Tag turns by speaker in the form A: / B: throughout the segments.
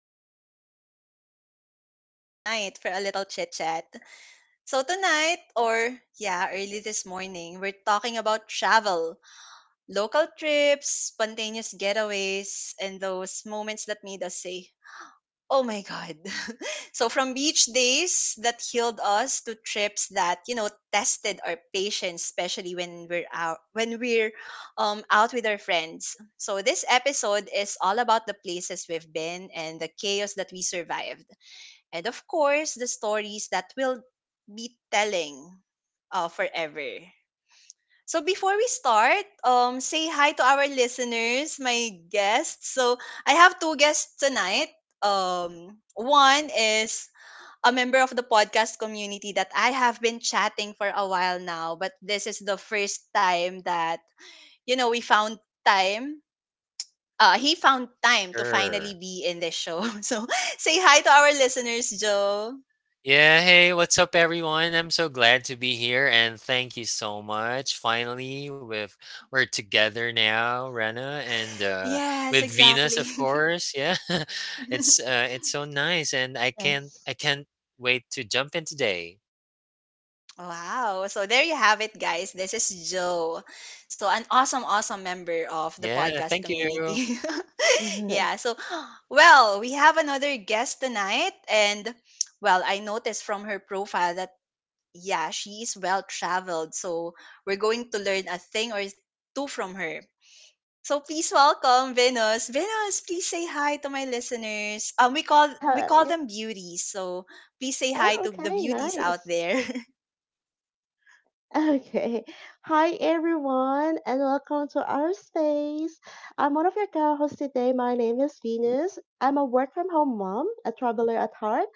A: beautiful creatures of the night unite for a little chit chat. So tonight, or yeah, early this morning, we're talking about travel, local trips, spontaneous getaways, and those moments that made us say, oh my God. So from beach days that healed us to trips that, tested our patience, especially when we're out with our friends. So this episode is all about the places we've been and the chaos that we survived. And of course the stories that we'll be telling forever. So before we start, say hi to our listeners, my guests. So I have two guests tonight. One is a member of the podcast community that I have been chatting for a while now, but this is the first time that we found time. He found time to finally
B: Sure.
A: be in this show. So say hi to our listeners, Joe.
B: Yeah, hey, what's up, everyone? I'm so glad to be here, and thank you so much. Finally, with we're together now, Rena, and
A: Yes,
B: with Venus,
A: exactly.
B: of course. Yeah, it's uh, it's so nice, and I can't I
C: Yes.
B: can't wait to jump in today.
A: Wow. So there you have it, guys. This is Joe. So, an awesome, awesome member of the
B: Yeah,
A: podcast
B: thank you.
A: community. Yeah. So, well, we have another guest tonight. And, well, I noticed from her profile that, yeah, she is well traveled. So, we're going to learn a thing or two from her. So please welcome Venus. Venus, please say hi to my listeners. We call
C: Hello. Yeah,
A: them beauties. So please say
C: Oh,
A: hi to the
C: okay,
A: beauties out
C: nice.
A: there.
C: Okay. Hi, everyone, and welcome to our space. I'm one of your co hosts today. My name is Venus. I'm a work from home mom, a traveler at heart,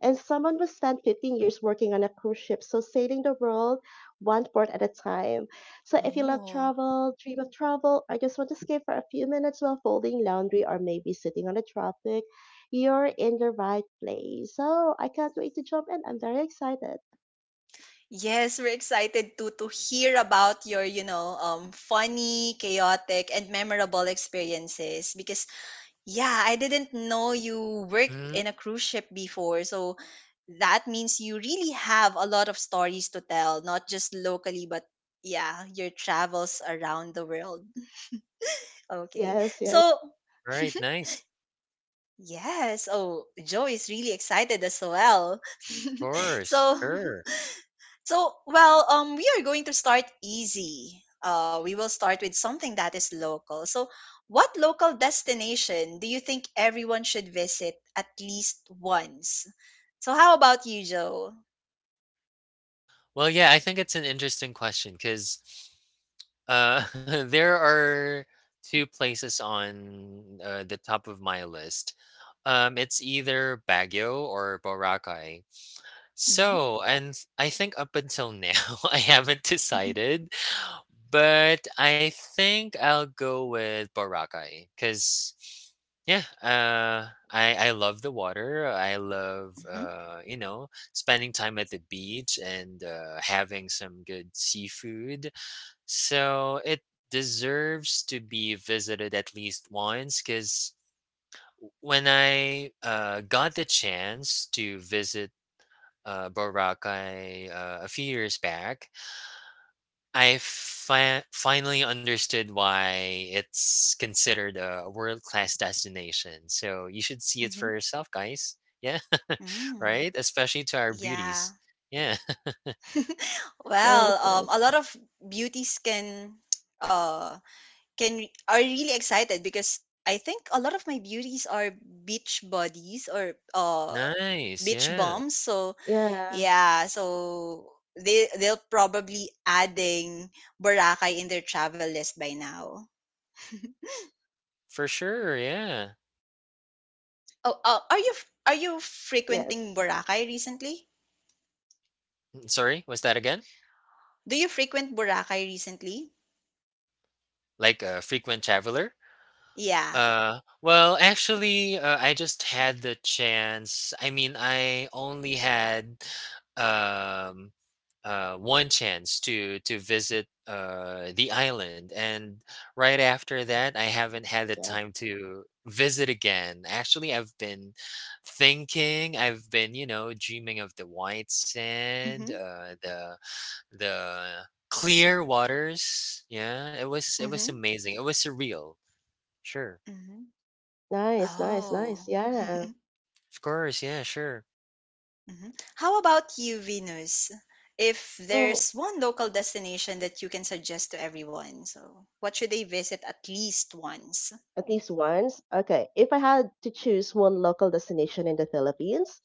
C: and someone who spent 15 years working on a cruise ship, so sailing the world one port at a time. So if you love
A: Oh,
C: travel, dream of travel, or just want to escape for a few minutes while folding laundry or maybe sitting on a tropic, you're in the right place. So I can't wait to jump in. I'm very excited.
A: yes, we're excited to hear about your, you know, funny, chaotic and memorable experiences because yeah, I didn't know you worked in
B: Mhm.
A: a cruise ship before. So that means you really have a lot of stories to tell, not just locally but yeah, your travels around the world. Okay.
C: yes, yes.
A: So,
B: All right, nice.
A: yes. Oh, Joe is really excited as well.
B: Of course,
A: So,
B: sure.
A: so, well, we are going to start easy. We will start with something that is local. So, what local destination do you think everyone should visit at least once? So, how about you, Joe?
B: Well, yeah, I think it's an interesting question because. Uh, there are two places on the top of my list. It's either Baguio or Boracay.
A: Mm-hmm.
B: So, and I think up until now, I haven't decided, but I think I'll go with Boracay because, yeah, I love the water. I love
A: Mm-hmm.
B: spending time at the beach and having some good seafood, so it deserves to be visited at least once because when I got the chance to visit Boracay a few years back, I finally understood why it's considered a world class destination. So you should see it
A: Mm-hmm.
B: for yourself, guys. Yeah,
A: Mm.
B: right? Especially to our
A: Yeah.
B: beauties. Yeah,
A: Well,
C: Nice,
A: a
C: nice.
A: lot of beauties uh can are really excited because I think a lot of my beauties are beach bodies or
B: nice.
A: beach
B: Yeah,
A: bums. So
C: Yeah,
A: yeah, so they they'll probably adding Boracay in their travel list by now.
B: for sure. Yeah.
A: Oh, are you
C: yes.
A: frequenting Boracay recently?
B: Sorry, was that again?
A: Do you frequent Boracay recently?
B: Like a frequent traveler?
A: Yeah.
B: Well, actually, I just had the chance. I mean, I only had um, one chance to visit the island, and right after that, I haven't had the
C: Yeah.
B: time to visit again. Actually, I've been thinking, I've been, dreaming of the white sand,
A: Mhm.
B: the clear waters. Yeah, it was
A: Mhm.
B: amazing. It was surreal. Sure.
A: Mhm.
C: Nice, nice, nice.
A: Oh.
C: Yeah.
B: Of course, yeah, sure.
A: Mhm. How about you, Venus? If
C: Oh,
A: there's one local destination that you can suggest to everyone, so what should they visit at least once?
C: At least once. Okay. If I had to choose one local destination in the Philippines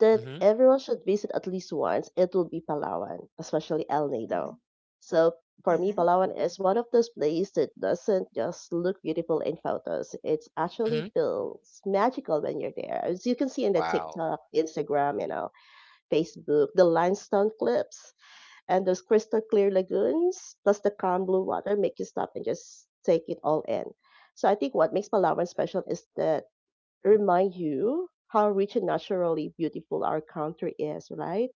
C: that
B: Mhm.
C: everyone should visit at least once, it would be Palawan, especially El
A: Mm-hmm.
C: Nido. So for me,
A: Mm-hmm.
C: Palawan is one of those places that doesn't just look beautiful in photos. It actually
B: Mhm.
C: feels magical when you're there. As you can see in the
B: Wow.
C: TikTok, Instagram, you know, Facebook, the limestone cliffs, and those crystal clear lagoons plus the calm blue water make you stop and just take it all in. So I think what makes Palawan special is that it remind you how rich and naturally beautiful our country is, right?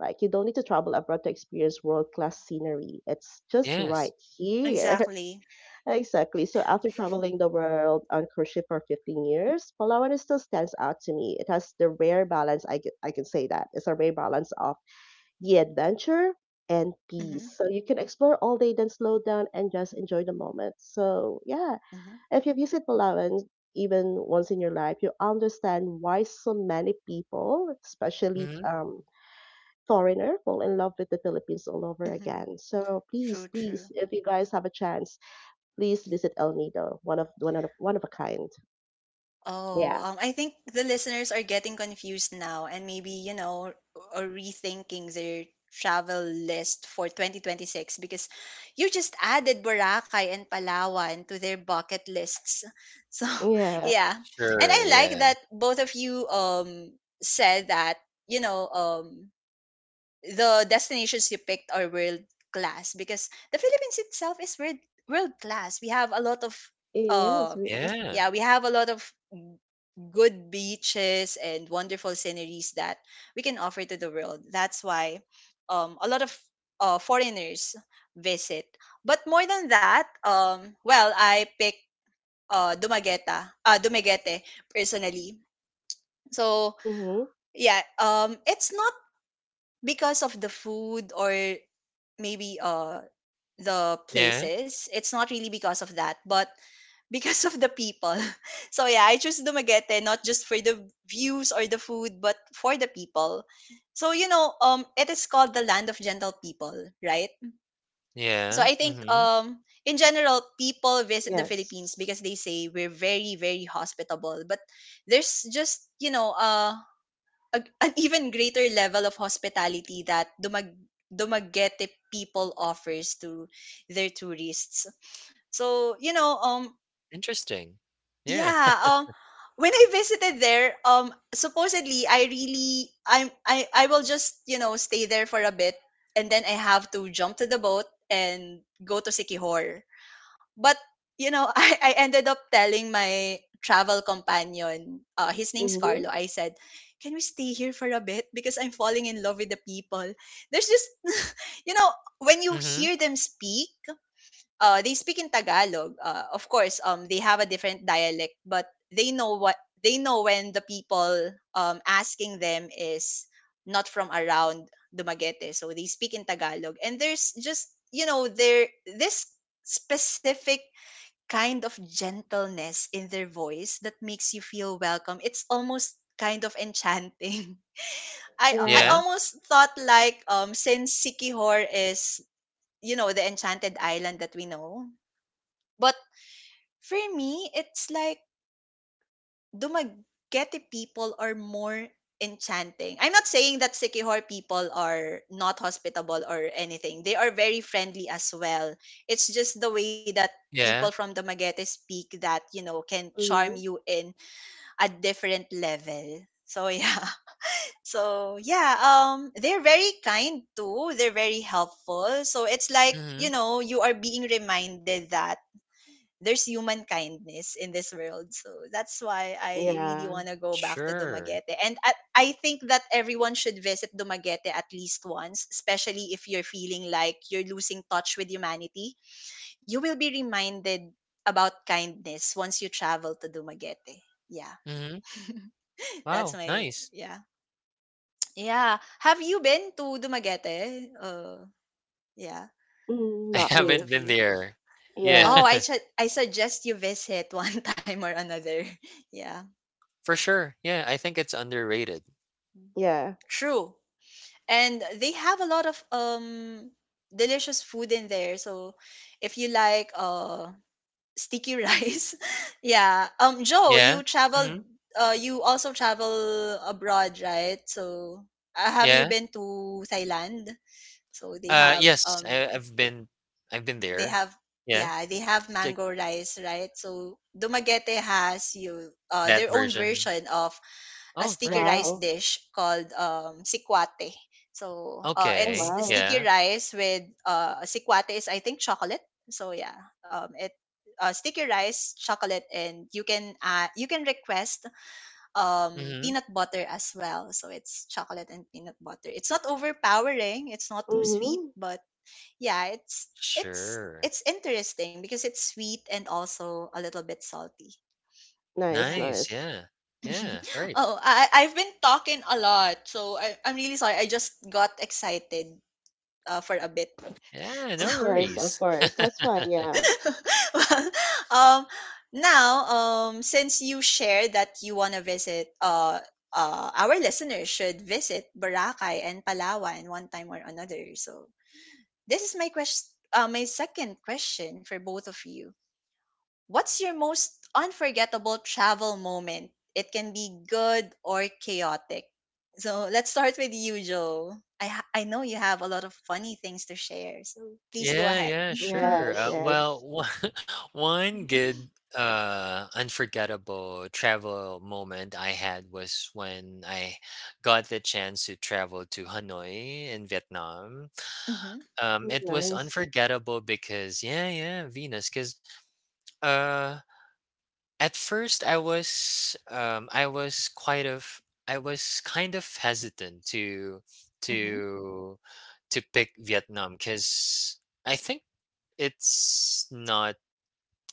C: Like you don't need to travel abroad to experience world class scenery. It's just
A: Mhm.
C: right
B: Yes.
C: here.
A: Exactly.
C: Exactly. So after traveling the world on cruise ship for 15 years, Palawan still stands out to me. It has the rare balance. I can say that it's a rare balance the adventure and
A: Mm-hmm.
C: peace. So you can explore all day, then slow down and just enjoy the moment. So yeah,
A: Mm-hmm.
C: if you visit Palawan even once in your life, you understand why so many people, especially
B: Mhm.
C: foreigner, fall in love with the Philippines all over
A: Mm-hmm.
C: again. So
A: True,
C: please, please,
A: true.
C: if you guys have a chance, please visit El Nido, one of a kind.
A: Oh,
C: Yeah,
A: I think the listeners are getting confused now and maybe, you know, are rethinking their travel list for 2026 because you just added Boracay and Palawan to their bucket lists. So,
C: yeah,
A: yeah. And
B: Sure,
A: I like
B: yeah.
A: that both of you said that, you know, the destinations you picked are world class because the Philippines itself is world class. We have a lot of
C: yes,
A: uh
C: we are.
B: Yeah.
A: yeah, we have a lot of good beaches and wonderful sceneries that we can offer to the world. That's why a lot of foreigners visit. But more than that, well, I pick uh, Dumaguete, Dumaguete personally. So
C: Mm-hmm.
A: yeah, it's not because of the food or maybe the
B: Yeah.
A: places. It's not really because of that, but because of the people. So yeah, I choose Dumaguete not just for the views or the food, but for the people. So you know, it is called the land of gentle people, right? So
B: Yeah.
A: I think
B: Mhm.
A: in general, people visit the Philippines
C: Yes.
A: because they say we're very, very hospitable. But there's just you know, a, an even greater level of hospitality that Dumaguete people offers to their tourists. So, you know,
B: Interesting. Yeah.
A: yeah, when I visited there, supposedly I really I will just, you know, stay there for a bit and then I have to jump to the boat and go to Sikihor, but you know, I ended up telling my travel companion, his name's
C: Mm-hmm.
A: Carlo. I said, "Can we stay here for a bit? Because I'm falling in love with the people." There's just, you know, when you
B: Mhm.
A: hear them speak, they speak in Tagalog. Of course, they have a different dialect, but they know what they know when the people asking them is not from around Dumaguete, so they speak in Tagalog. And there's just, you know, there this specific kind of gentleness in their voice that makes you feel welcome. It's almost kind of enchanting. I
C: Yeah.
B: Yeah.
A: almost thought like since Sikihor is you know the enchanted island that we know, but for me it's like Dumaguete people are more enchanting. I'm not saying that Sikihor people are not hospitable or anything. They are very friendly as well. It's just the way that people
B: Yeah.
A: from Dumaguete speak that you know can charm
C: Mm-hmm.
A: you in at different level. So yeah. So yeah, they're very kind too. They're very helpful. So it's like, you
B: Mhm.
A: know, you are being reminded that there's human kindness in this world. So that's why I really
C: Yeah.
A: want to go back to
B: Sure.
A: Dumaguete. And I think that everyone should visit Dumaguete at least once, especially if you're feeling like you're losing touch with humanity. You will be reminded about kindness once you travel to Dumaguete. Yeah.
B: Mhm.
A: That's
B: Wow,
A: my
B: nice.
A: yeah. Yeah. Have you been to Dumaguete? Yeah,
C: Mm,
B: I
C: not
A: to both
C: me.
B: haven't
A: of
B: been
A: you.
B: there. Yeah.
C: Yeah.
A: Oh, I suggest you visit one time or another. Yeah.
B: For sure. Yeah, I think it's underrated.
C: Yeah.
A: True. And they have a lot of delicious food in there. So if you like sticky rice, yeah. Joe,
B: Yeah. Mhm.
A: you also travel abroad, right? So have you
B: Yeah.
A: been to Thailand? So
B: Yes, I I've been I've been
A: they
B: there.
A: have
B: Yeah.
A: yeah they have
B: Stick
A: mango rice right so dumaguete has you
B: that
A: their own
B: version.
A: version of a
B: Oh,
A: sticky
B: right.
A: rice
C: Wow.
A: dish called sikwate so
C: Oh,
A: it's
B: Okay.
C: wow.
A: sticky
B: Yeah.
A: rice with sikwate is I think chocolate so yeah it sticky rice chocolate and you can request
B: Mhm.
A: peanut butter as well so it's chocolate and peanut butter it's not overpowering it's not too sweet
C: Mm-hmm.
A: but yeah,
B: Sure.
A: it's interesting because it's sweet and also a little bit salty.
C: Nice,
A: Yeah.
B: Nice,
C: nice.
B: yeah. Yeah, right.
A: Oh, I've been talking a lot, so I'm really sorry. I just got excited for a bit.
B: Yeah,
A: So,
B: no
C: Of course, of
B: worries.
C: course. That's fine. Yeah.
A: well, um, now since you shared that you wanna visit our listeners should visit Boracay and Palawan one time or another. So this is my question, my second question for both of you. What's your most unforgettable travel moment? It can be good or chaotic. So let's start with you, Joe. I know you have a lot of funny things to share, so please go
B: Yeah,
A: ahead.
B: yeah,
A: Mm-hmm,
B: sure.
C: Yes,
B: Well,
C: yes.
B: one one good, unforgettable travel moment I had was when I got the chance to travel to Hanoi in Vietnam.
A: mm-hmm,
C: Mm,
B: It was
C: nice.
B: unforgettable because yeah, yeah, Venus. Because uh, at first I was kind of hesitant to to pick Vietnam because I think it's not.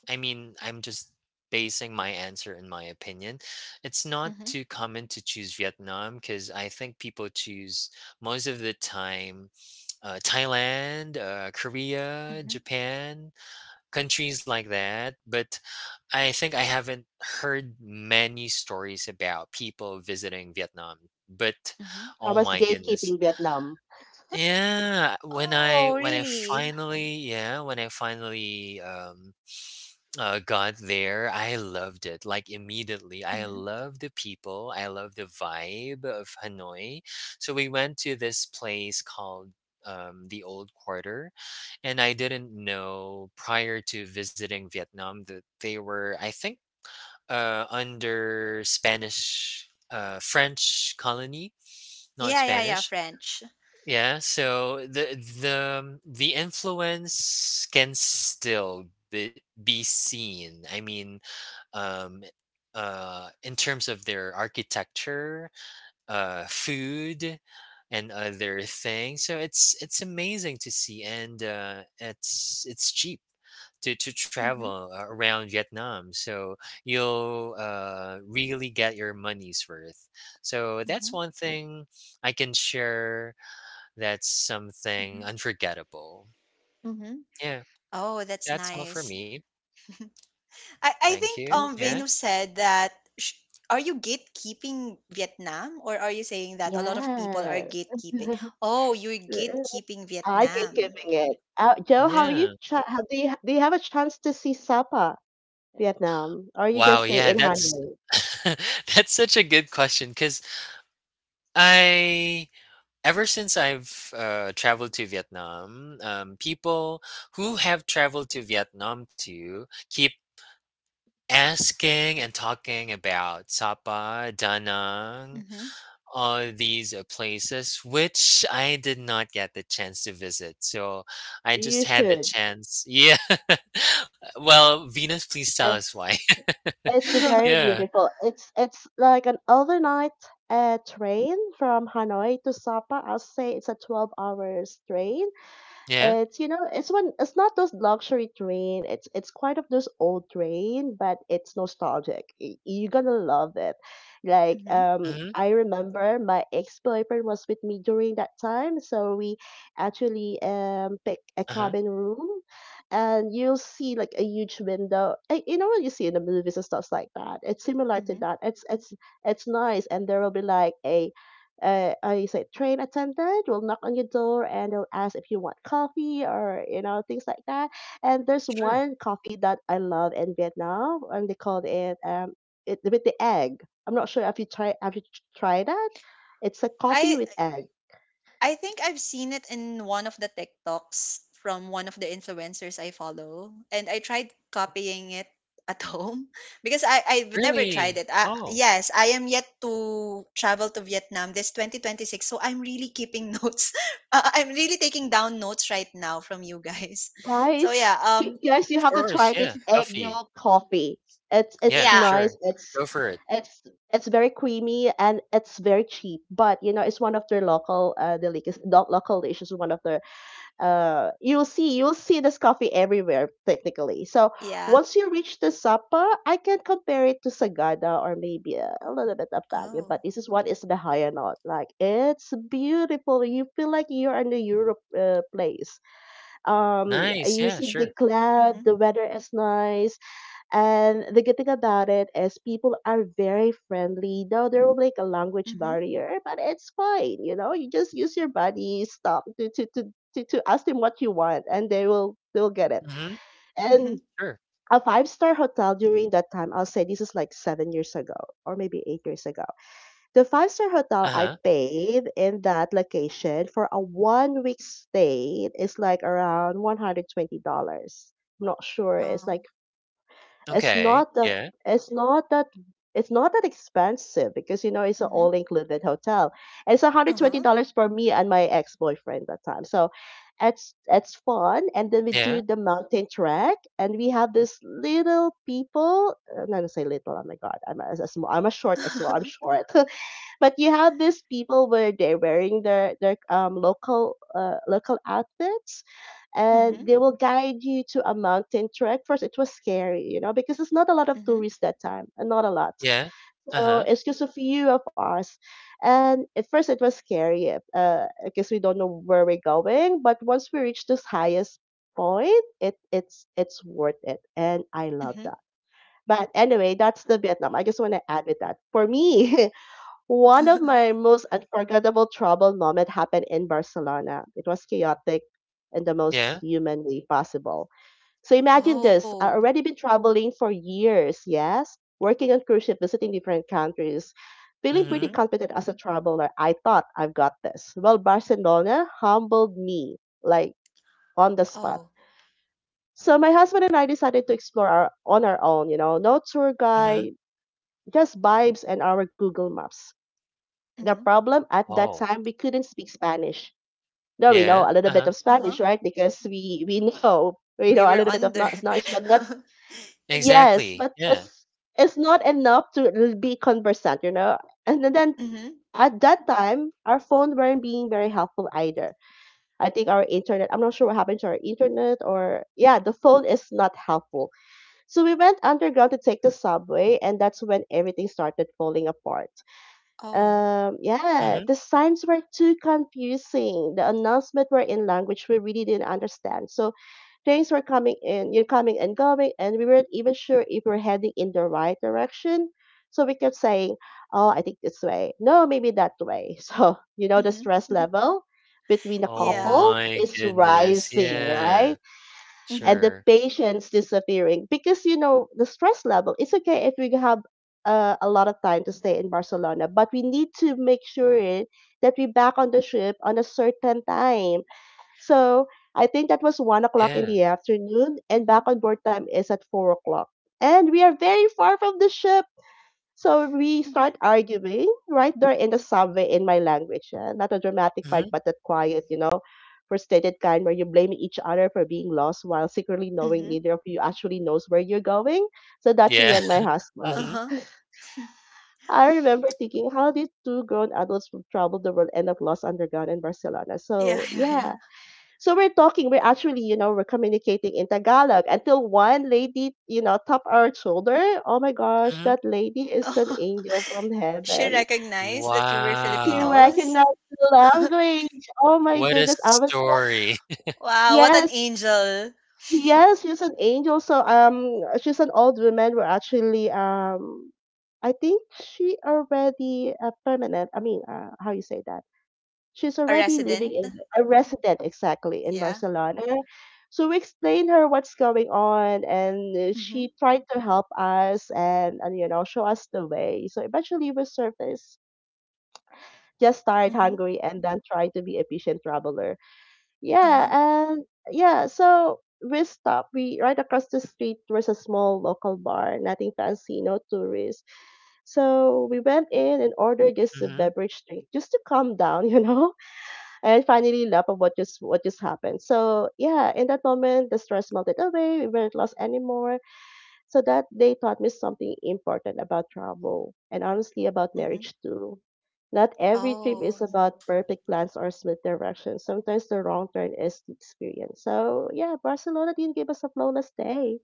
B: I mean, I'm just basing my answer in my opinion. It's not
A: mm-hmm,
B: too common to choose Vietnam because I think people choose most of the time Thailand, Korea,
A: mm-hmm,
B: Japan, countries like that. But I think I haven't heard many stories about people visiting Vietnam. But
A: mm-hmm.
C: I
B: oh
C: was
B: my goodness.
C: gatekeeping Vietnam.
B: Yeah,
A: Oh,
B: when I
A: really?
B: finally yeah when I finally got there, I loved it. Like immediately, I
A: Mm-hmm.
B: love the people. I love the vibe of Hanoi. So we went to this place called the Old Quarter, and I didn't know prior to visiting Vietnam that they were, I think, under Spanish, French colony, not
A: Yeah, yeah, yeah.
B: Spanish.
A: French.
B: Yeah, so the the influence can still be seen. I mean, um in terms of their architecture, food, and other things, so it's amazing to see, and it's cheap to
A: Mm-hmm,
B: travel around Vietnam, so you'll really get your money's worth. So
A: mm-hmm,
B: that's one thing I can share. That's
A: mm-hmm,
B: something unforgettable.
A: mm-hmm.
B: Yeah,
A: Oh, that's
B: that's all for
A: nice.
B: me.
A: I
B: Thank
A: think
B: you.
C: Nice,
B: Yeah,
A: Venu
C: nice.
A: said that sh- are you gatekeeping Vietnam or are you saying that a lot of people are
C: Yeah.
A: gatekeeping? Oh, you're gatekeeping
C: I like
A: Vietnam.
C: gatekeeping it. Joe, how are you?
B: yeah.
C: Do you have a chance to see Sapa, Vietnam, or you just
B: Wow,
C: stay
B: yeah,
C: in
B: that's
C: Hanoi?
B: that's such a good question. Cause I ever since I've, traveled to Vietnam, people who have traveled to Vietnam too keep asking and talking about Sapa, Da Nang,
A: Mm-hmm.
B: all these, places which I did not get the chance to visit, so I
C: You
B: just had the
C: should.
B: chance. Yeah. Well, Venus, please tell us
C: It's
B: why.
C: It's very
B: Yeah.
C: beautiful. It's like an overnight train from Hanoi to Sapa. I'll say it's a 12 hours train.
B: Yeah.
C: It's, you know, it's not those luxury train. It's quite of those old train, but it's nostalgic. You're gonna love it. Like
A: Mm-hmm.
B: Mhm.
C: I remember my ex boyfriend was with me during that time, so we actually pick a
B: Uh-huh.
C: cabin room, and you'll see like a huge window. You know what you see in the movies and stuff like that. It's similar to
A: Mm-hmm.
C: that. It's nice, and there will be like a I say train attendant will knock on your door and they'll ask if you want coffee or, you know, things like that. And there's
B: Sure.
C: one coffee that I love in Vietnam, and they called it it with the egg. I'm not sure if you try have you tried that. It's a
A: I
C: coffee with egg.
A: I think I've seen it in one of the TikToks from one of the influencers I follow, and I tried copying it at home because I've never tried
B: Really?
A: it.
B: Oh,
A: Yes, I am yet to travel to Vietnam this 2026, so I'm really keeping notes. I'm really taking down notes right now from you guys. So yeah,
C: Guys, guys, you
B: of
C: have to
B: course,
C: try
B: yeah,
C: this egg
B: coffee.
C: yolk coffee.
B: Yeah,
C: It's
A: yeah,
B: sure.
C: nice.
B: Go for it.
C: It's it's very creamy and it's very cheap. But you know, it's one of their local delicacies. Local dishes. One of their. You'll see this coffee everywhere technically. So
A: yeah.
C: once you reach the Sapa, I can compare it to Sagada or maybe a little bit of Baguio. But
A: Oh,
C: this is what is the higher note. Like it's beautiful. You feel like you're in a Europe place,
B: Nice,
C: you
B: yeah,
C: see the
B: sure.
C: cloud,
A: mhm,
C: the weather is nice, and the good thing about it is people are very friendly, though there will like a language
A: mhm,
C: barrier, but it's fine, you know, you just use your body stop to ask them what you want and they will get it.
B: Mhm,
C: And
A: mhm.
B: sure.
C: a five-star hotel during that time, I'll say this is like 7 years ago or maybe 8 years ago, the five-star hotel I
B: Uh-huh.
C: paid in that location for a 1 week stay is like around $120. I'm not sure. It's
A: Oh,
C: like it's
B: Okay.
C: not that
B: Yeah,
C: it's not that it's not that expensive because you know it's an
A: mhm,
C: all included hotel. It's one
A: uh
C: hundred twenty
A: huh,
C: dollars for me and my ex boyfriend that time. So it's fun, and then we
B: yeah,
C: do the mountain trek and we have this little people, I'm not gonna say little oh my god I'm a, as a small I'm a short as well I'm short. But you have these people where they're wearing their local local outfits, and
A: mhm,
C: they will guide you to a mountain trek. First, it was scary, you know, because it's not a lot of
A: mhm,
C: tourists that time, and not a lot.
B: yeah.
C: So
B: Uh-huh.
C: it's just a few of us, and at first it was scary, because we don't know where we're going. But once we reach this highest point, it's worth it, and I
A: mhm.
C: love that. But anyway, that's the Vietnam. I just want to add with that. For me, one of my most unforgettable travel moment happened in Barcelona. It was chaotic in the most
B: Yeah.
C: human way possible. So imagine this.
A: Oh,
C: I already been traveling for years, yes, working on cruise ship, visiting different countries, feeling
A: mhm.
B: Mm,
C: pretty
B: yeah.
C: confident as a traveler. I thought I've got this. Well, Barcelona humbled me like on the spot.
A: Oh.
C: So my husband and I decided to explore on our own, you know, no tour
B: Mhm, mhm.
C: guide, just vibes and our Google Maps. The
A: Mhm.
C: problem at that
B: Oh,
C: time we couldn't speak Spanish. No, we
B: yeah,
C: know a little bit
B: uh-huh.
C: of Spanish,
A: Uh-huh.
C: right? Because
A: Mhm.
C: we know
A: We
C: a
A: were
C: little bit of
A: under.
C: not Spanish, but that's, yes,
B: Exactly,
C: but
B: yeah.
C: it's not enough to be conversant, you know. And then
A: Mhm.
C: at that time, our phone weren't being very helpful either. I think our internet, I'm not sure what happened to our internet, or yeah, the phone is not helpful. So we went underground to take the subway and that's when everything started falling apart.
A: Oh.
C: Yeah,
B: Mhm.
C: the signs were too confusing. The announcement were in language we really didn't understand. So trains were coming in, you're coming and going, and we weren't even sure if we're heading in the right direction. So we kept saying, "Oh, I think this way. No, maybe that way." So you know, the
A: Mhm.
C: stress
A: Mhm.
C: level between the
B: Oh
C: couple
A: Yeah.
B: my
C: is
B: goodness,
C: rising,
B: yeah.
C: right?
A: Mhm.
C: And the
B: Sure.
C: patience disappearing, because you know the stress level, it's okay if we have a lot of time to stay in Barcelona, but we need to make sure that we back on the ship on a certain time. So I think that was 1 o'clock in
B: Yeah.
C: the afternoon and
A: Mhm.
C: back on board time is at 4 o'clock, and we are very far from the ship. So we
A: Mhm.
C: start arguing right there in the subway in my language. Not a dramatic fight,
B: Mhm.
C: but that quiet, you know, frustrated kind where you blame each other for being lost while secretly knowing
A: Mhm.
C: neither of you actually knows where you're going. So that's
B: Yeah.
C: me and my husband.
B: Mhm,
A: Uh-huh.
C: I remember thinking, how did two grown adults who traveled the world end up lost underground in Barcelona.
A: Yeah,
C: So
A: yeah, yeah.
C: yeah, so we're actually, you know, we're communicating in Tagalog until one lady, you know, tap our shoulder. Oh my gosh,
B: mhm.
C: that lady is an
A: Oh,
C: angel from
A: she
C: heaven.
A: recognized that you were
C: She
B: Wow.
A: Filipinos.
C: recognized the language. Oh my
B: What a
C: goodness, I was so,
B: story.
A: Wow, what an
C: yes.
A: angel.
C: Yes, she's an angel. So she's an old woman. We're actually I think she already permanent. I mean, how you say that? She's
A: A
C: already living
A: resident.
C: in a resident exactly in
A: Yeah.
C: Barcelona. So we explained her what's going on, and
A: Mhm.
C: she tried to help us and you know show us the way. So eventually we surfaced, just tired,
A: Mhm.
C: hungry, and then try to be efficient traveler. Yeah,
A: Uh-huh.
C: and yeah, so we stopped. We right across the street was a small local bar, nothing fancy, no tourists. So we went in and ordered just a
B: Mhm,
C: beverage drink just to calm down, you know, and finally laugh of what just happened. So yeah, in that moment the stress melted away, we weren't lost anymore. So that day taught me something important about travel, and honestly about
A: Mhm.
C: marriage too. Not every trip
A: Oh.
C: is about perfect plans or smooth direction. Sometimes the wrong turn is the experience. So yeah, Barcelona didn't give us a flawless day,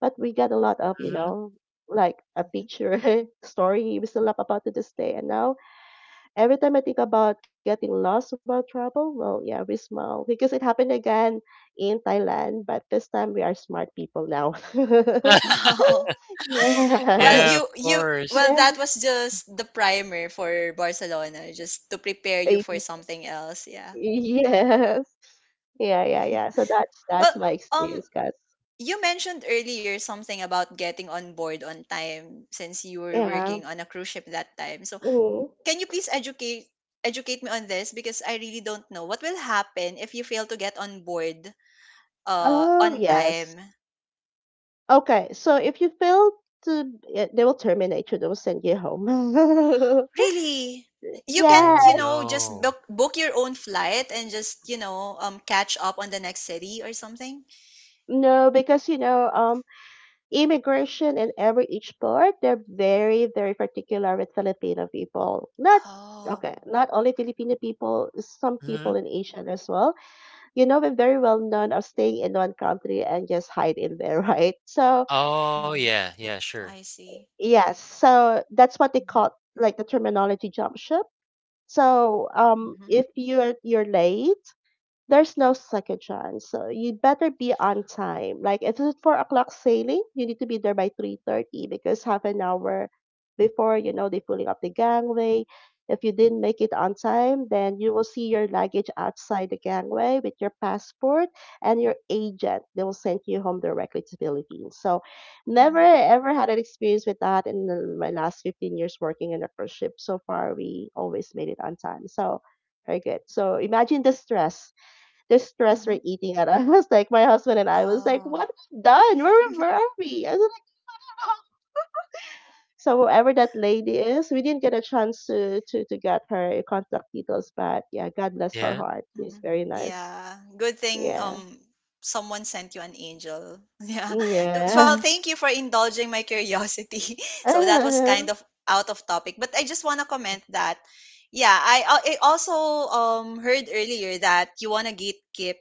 C: but we got a lot of,
B: mhm.
C: like a
A: Mhm.
C: picture story we still laugh about to this day. And now every time I think about getting lost while travel, well, yeah, we smile because it happened again in Thailand, but this time we are smart people now.
A: Wow. Well,
B: Yeah,
C: Yes.
B: of
A: you
B: course.
A: well
C: Yeah.
A: that was just the primer for Barcelona, just to prepare you
C: Y-
A: for something else. Yeah.
C: Yes. Yeah, yeah, yeah, So that's
A: Well,
C: my
A: um,
C: experience, guys.
A: you mentioned earlier something about getting on board on time since you were
C: Yeah.
A: working on a cruise ship that time. So,
C: Mm.
A: can you please educate me on this because I really don't know what will happen if you fail to get on board
C: Oh,
A: on
C: yes.
A: time.
C: Okay. So if you fail to, yeah, they will terminate you. They will send you home.
A: Really? You can't,
C: Yeah.
B: Oh,
A: you know, just
B: no.
A: book your own flight and just, you know, catch up on the next city or something?
C: No, because immigration and every each part, they're very, very particular with Filipino people. Not
A: Oh,
C: okay, not only Filipino people, some people
B: Mhm.
C: in Asian as well. You know, we're very well known of staying in one country and just hide in there, right? So
B: Oh,
A: mm-hmm.
B: yeah, yeah, sure.
A: I see.
C: yes, so that's what they
A: Mm-hmm.
C: call like the terminology jump ship. So
A: Mm-hmm.
C: if you're late, there's no second chance. So you better be on time. Like if it's 4 o'clock sailing, you need to be there by 3:30, because half an hour before, you know, they are pulling up the gangway. If you didn't make it on time, then you will see your luggage outside the gangway with your passport and your agent. They will send you home directly to Philippines. So
A: Mm-hmm.
C: never ever had an experience with that in my last 15 years working in a cruise ship. So far, we always made it on time. So very good. So imagine the stress distress
A: Mm-hmm.
C: we're eating at. I was like, my husband and I was like, what
A: Oh.
C: have we done? Where were we? I was like, oh. So whoever that lady is, we didn't get a chance to get her contact details, but yeah, God bless her
B: Yeah.
C: heart. She's
A: Mhm.
C: very nice.
A: Yeah. Good thing
C: Yeah.
A: someone sent you an angel. Yeah.
C: Mm,
A: Well, thank
C: yes.
A: you for indulging my curiosity. So that was kind
C: Uh-huh.
A: of out of topic, but I just want to comment that yeah, I also heard earlier that you want to gatekeep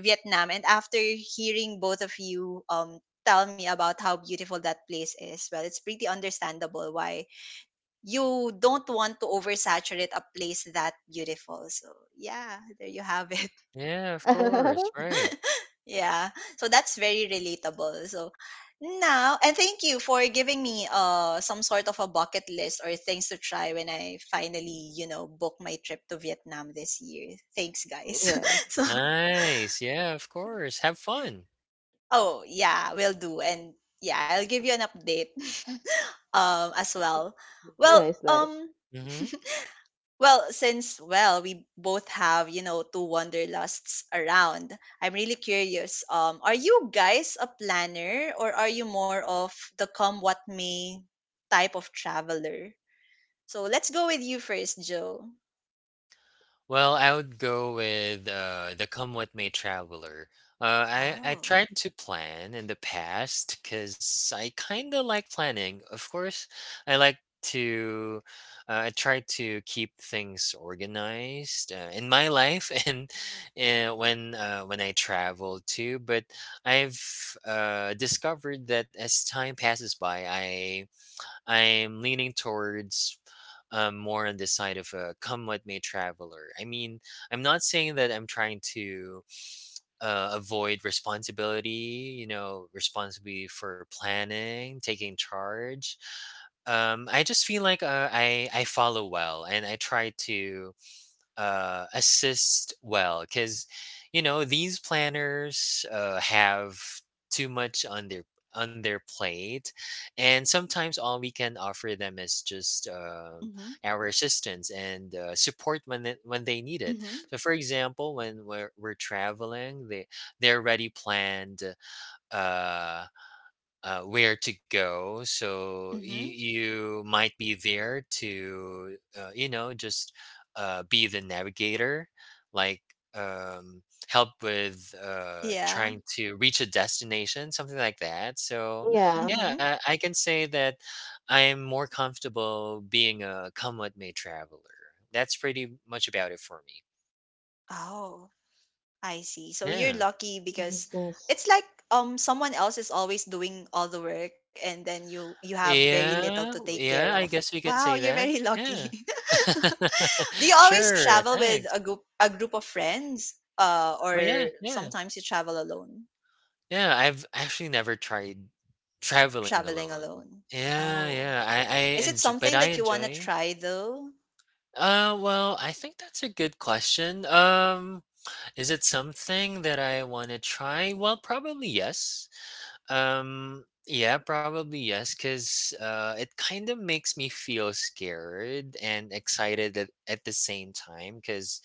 A: Vietnam, and after hearing both of you tell me about how beautiful that place is, well, it's pretty understandable why you don't want to oversaturate a place that beautiful. So yeah, there you have it.
B: Yeah, of course, right.
A: Yeah. So that's very relatable. So now, and thank you for giving me some sort of a bucket list or things to try when I finally, you know, book my trip to Vietnam this year. Thanks, guys.
C: Yes.
A: So
B: Nice, yeah, of course, have fun.
A: oh yeah, we'll do. And yeah, I'll give you an update as well. Well,
C: Nice, nice.
A: um
B: Mhm.
A: well, since well, we both have, you know, two wanderlusts around. I'm really curious. Are you guys a planner, or are you more of the come what may type of traveler? So let's go with you first, Joe.
B: Well, I would go with the Come What May Traveler. I
A: Oh.
B: tried to plan in the past because I kind of like planning. Of course, I like to, I try to keep things organized in my life and when I travel too. But I've discovered that as time passes by, I'm leaning towards more on the side of a come with me traveler. I mean, I'm not saying that I'm trying to avoid responsibility, responsibility for planning, taking charge. I just feel like I follow well and I try to assist well because these planners have too much on their plate, and sometimes all we can offer them is just
A: Mm-hmm.
B: our assistance and support when they need it.
A: Mm-hmm.
B: So, for example, when we're traveling, they already planned uh where to go. So
A: Mm-hmm.
B: you might be there to, just be the navigator, like um, help with
A: Yeah.
B: trying to reach a destination, something like that. So,
C: Yeah.
A: Mm-hmm.
B: yeah, I can say that I'm more comfortable being a come what may traveler. That's pretty much about it for me.
A: Oh. I see. So you're
B: Yeah.
A: lucky because
C: Nice, nice.
A: it's like someone else is always doing all the work, and then you have very little to
B: Yeah,
A: take care of.
B: yeah, I guess we can
A: Wow,
B: say
A: you're
B: that.
A: very
B: Yeah.
A: lucky. Do you always
B: Sure,
A: travel with
B: thanks.
A: a group of friends? Uh, or
B: Oh, yeah, yeah.
A: sometimes you travel alone?
B: Yeah, I've actually never tried traveling
A: Traveling
B: alone.
A: alone.
B: Yeah,
A: Oh.
B: yeah. I
A: Is it
B: enj but
A: something
B: I
A: that you want to
B: enjoy.
A: try though?
B: Well, I think that's a good question. Is it something that I want to try? Well, probably yes. Yeah, probably yes, because it kind of makes me feel scared and excited at the same time. Because,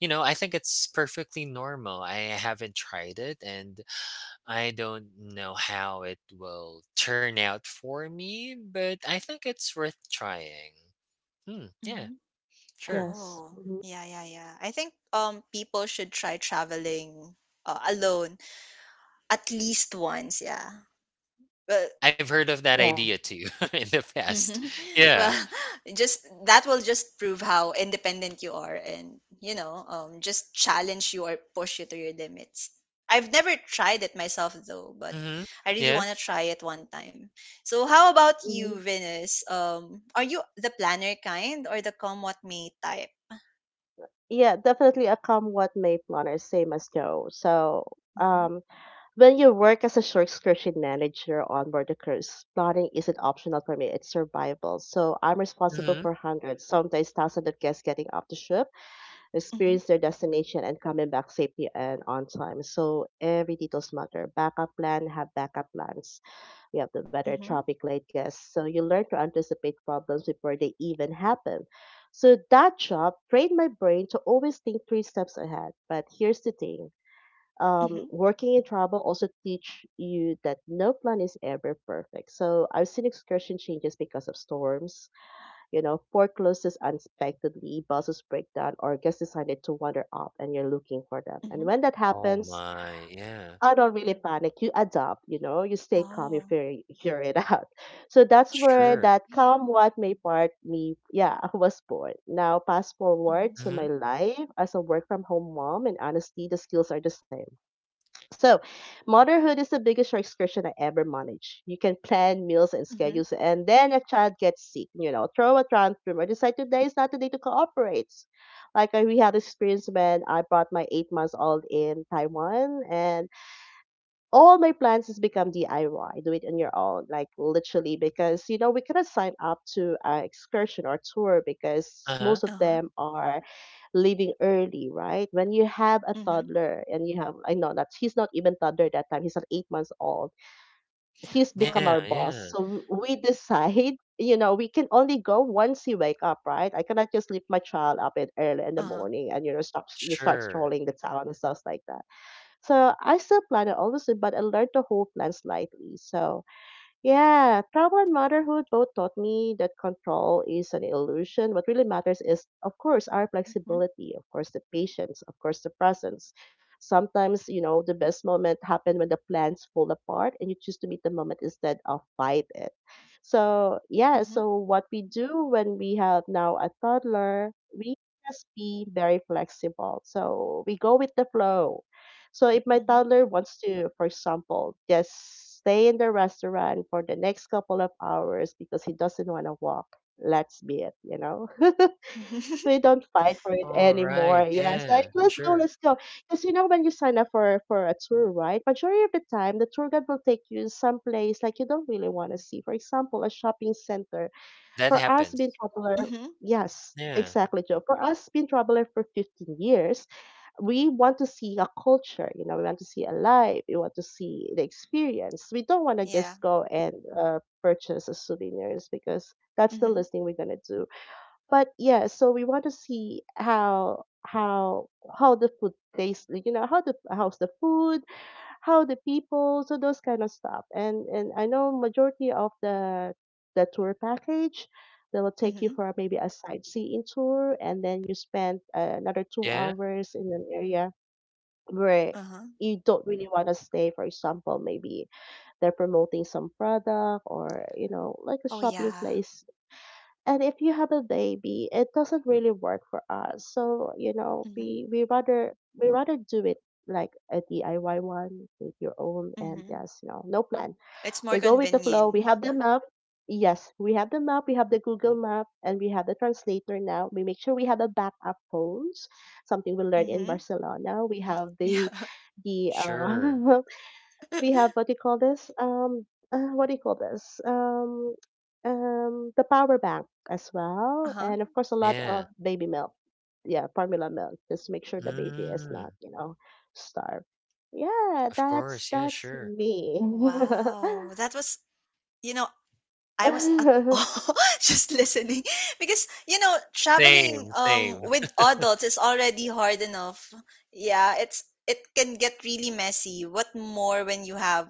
B: I think it's perfectly normal. I haven't tried it and I don't know how it will turn out for me, but I think it's worth trying. Hmm,
A: Hmm.
B: yeah, sure.
C: Yes.
A: Oh.
C: Hmm.
A: Yeah, yeah, yeah. I think people should try traveling alone at least once, yeah. Well,
B: I've heard of that
C: Yeah.
B: idea too in the
A: mhm.
B: past.
A: well,
B: Yeah.
A: just that will just prove how independent you are, and you know, just challenge you or push you to your limits. I've never tried it myself though, but
B: Mm-hmm.
A: I really
B: Yeah.
A: want to try it one time. So, how about you,
C: Hmm.
A: Venus? Are you the planner kind or the come what may type?
C: Yeah, definitely a come what may planner, same as Joe. So,
A: Mm-hmm.
C: um, when you work as a short excursion manager on board the cruise, plotting isn't optional for me, it's survival. So I'm responsible
B: Mm-hmm.
C: for hundreds, sometimes thousands of guests getting off the ship,
A: Mm-hmm.
C: experience their destination, and coming back safely and on time. So every details matter. Backup plan, have backup plans. We have the weather,
A: Mm-hmm.
C: traffic, late guests. So you learn to anticipate problems before they even happen. So that job trained my brain to always think three steps ahead. But here's the thing,
A: Mm-hmm.
C: working in travel also teach you that no plan is ever perfect. So I've seen excursion changes because of storms, you know, forecloses unexpectedly, buses break down, or guests decided to wander off and you're looking for them. And
A: Mm-hmm.
C: when that
B: Oh
C: happens,
B: my, yeah,
C: I don't really panic. You adapt, you know, you stay calm, you
A: Oh.
C: figure it out. So that's where
B: sure.
C: that calm what may part me, yeah, was born. Now, fast forward
A: Mm-hmm.
C: to
B: Mm-hmm.
C: my life as a work from home mom, and honestly, the skills are the same. So motherhood is the biggest restriction I ever managed. You can plan meals and
A: Mm-hmm.
C: schedules, and then a child gets sick, you know, throw a tantrum or decide today is not the day to cooperate. We had this experience when I brought my 8 months old in Taiwan, and all my plans has become DIY, do it on your own, like literally, because, you know, we cannot sign up to an excursion or tour because
B: Uh-huh.
C: most of
A: Uh-huh.
C: them are leaving early, right? When you have a
A: Mm-hmm.
C: toddler and you have, I know that he's not even toddler that time, he's at 8 months old. He's
A: Oh,
C: become
B: Yeah,
C: our boss.
B: yeah.
C: So we decide, you know, we can only go once he wake up, right? I cannot just leave my child up at early in the
A: uh-huh.
C: morning and, you know, you start
B: Sure.
C: strolling the town and stuff like that. So I still plan it, obviously, but I learned to hold plans lightly. So yeah, trauma and motherhood both taught me that control is an illusion. What really matters is, of course, our
A: Mm-hmm.
C: flexibility, of course, the patience, of course, the presence. Sometimes, you know, the best moment happen when the plans fall apart and you choose to meet the moment instead of fight it. So, yeah,
A: Mm-hmm.
C: so what we do when we have now a toddler, we just be very flexible. So we go with the flow. So if my toddler wants to, for example, just stay in the restaurant for the next couple of hours because he doesn't want to walk, let's be it, you know.
A: Mm-hmm.
C: We don't fight for it
B: All right.
C: anymore. Yes, like
B: Yeah.
C: let's go,
B: Sure.
C: let's go. Because you know when you sign up for a tour, right? Majority of the time, the tour guide will take you someplace like you don't really want to see. For example, a shopping center
B: That
C: for us,
B: happens.
C: being traveler,
A: Mhm.
C: yes,
B: Yeah.
C: exactly, Joe. For us, being traveler for 15 years, we want to see a culture, you know, we want to see a life, we want to see the experience. We don't want to
A: Yeah.
C: just go and purchase a souvenirs because that's the
A: Mhm.
C: least thing we're going to do, but yeah, so we want to see how the food tastes, like, you know, how the how's the food, how the people, so those kind of stuff. And I know majority of the tour package, they will take you
A: Mhm.
C: for maybe a sightseeing tour, and then you spend another two
B: Yeah.
C: hours in an area where
A: Uh-huh.
C: you don't really want to stay. For example, maybe they're promoting some product or you know
A: Oh
C: like a shopping
A: yeah.
C: place, and if you have a baby, it doesn't really work for us. So you know,
A: Mhm.
C: we rather do it like a DIY one with your own, and
A: Mhm.
C: yes, you know, no plan.
A: It's more
C: We go with the flow.
A: convenient.
C: We have the map. Yes, we have the map. We have the Google map, and we have the translator now. We make sure we have a backup phones, something we learned in
A: Mhm.
C: Barcelona. We have
A: Yeah.
C: the the
B: Sure.
C: uh, we have what do you call this? What do you call this? The power bank as well,
A: uh-huh.
C: and of course a lot
B: Yeah.
C: of baby milk. Yeah, formula milk. Just make sure the baby is not,
B: Mm.
C: you know, starved. Yeah,
B: Of
C: that's
B: course. Yeah.
C: that's
B: Sure.
C: me.
A: Wow. That was, you know, I was at all just listening because you know traveling
B: Same. Same.
A: with adults is already hard enough. Yeah, it's, it can get really messy. What more when you have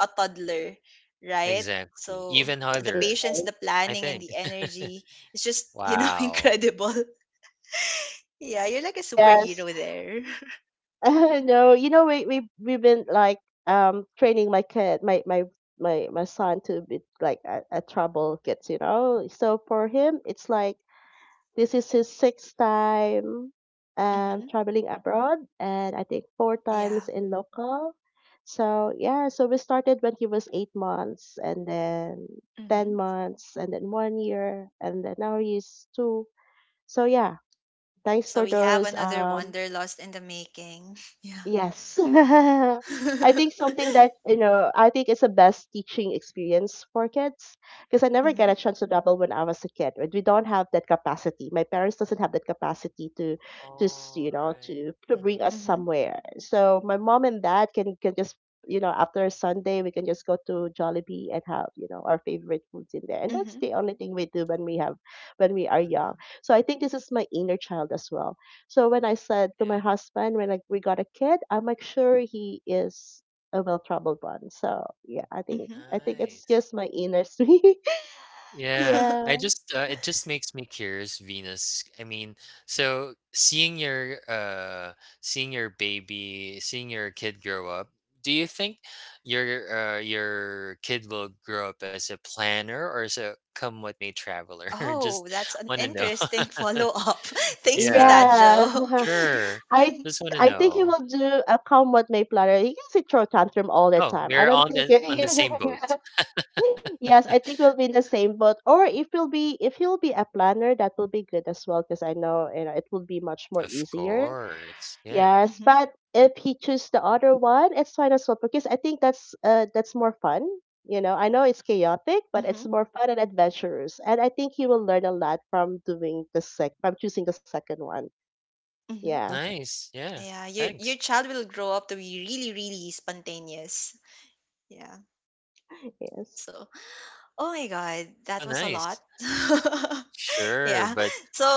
A: a toddler, right?
B: Exactly. Even
A: So the
B: harder.
A: patience,
C: Yes.
A: the
B: I
A: planning, and
B: think.
A: the energy is just, you know,
B: Wow.
A: incredible. Yeah, you're like a
C: Yes.
A: superhero there.
C: No, you know we've been like training my kid, my son to be like a trouble kids, you know. So for him, it's like this is his sixth time
A: mm-hmm.
C: traveling abroad and I think 4 times
A: Yeah.
C: in local. So yeah, so we started when he was 8 months and then
A: Mm-hmm.
C: 10 months and then 1 year and then now he's two. So yeah, thanks for
A: So we have
C: those
A: another wonder lost in the making. Yeah.
C: yes. I think something that, you know, I think is the best teaching experience for kids, because I never get
A: mm-hmm.
C: a chance to travel when I was a kid, right? We don't have that capacity. My parents doesn't have that capacity to
B: All
C: you know,
B: right.
C: to bring
B: Mm-hmm.
C: us
A: Mm-hmm.
C: somewhere. So my mom and dad can just, you know, after Sunday, we can just go to Jollibee and have, you know, our favorite foods in there. And that's the only thing we do when we are young.
B: Mm-hmm.
C: So I think this is my inner child as well. So when I said to my
B: Yeah.
C: husband, when like we got a kid, I'm like sure he is a well troubled one. So yeah,
A: Mhm.
C: I think it's
B: Nice.
C: just my inner sweet.
B: Yeah, I
C: Yeah.
B: just it just makes me curious, Venus. I mean, so seeing your baby, seeing your kid grow up, do you think your kid will grow up as a planner or as a come what may traveler?
A: Oh,
B: Just
A: that's an
B: want to know.
A: interesting follow-up. Thanks for
B: Yeah,
A: that,
C: Yeah.
A: Joe.
B: sure.
C: I
B: Just want to
C: I think he
B: know.
C: will do a come what may platter. He can sit throw tantrum all the
B: Oh,
C: time. I
B: we're
C: don't
B: on
C: think
B: the on
C: it-
B: the same boat.
C: Yes, I think we'll be in the same boat. Or if we'll be if he'll be a planner, that will be good as well because I know, you know, it will be much more
B: Of
C: easier.
B: course. Yeah.
C: Yes,
A: Mhm.
C: but if he chooses the other one, it's fine as well because I think that's more fun. You know, I know it's chaotic, but
A: Mhm.
C: it's more fun and adventurous, and I think he will learn a lot from doing the sec from choosing the second one.
A: Mhm.
C: Yeah.
B: Nice. Yeah.
A: Yeah, your
B: Thanks.
A: child will grow up to be really, really spontaneous. Yeah.
C: Yes.
A: So oh my god,
B: So
A: that was a lot.
B: nice. Sure,
A: yeah.
B: but
A: So,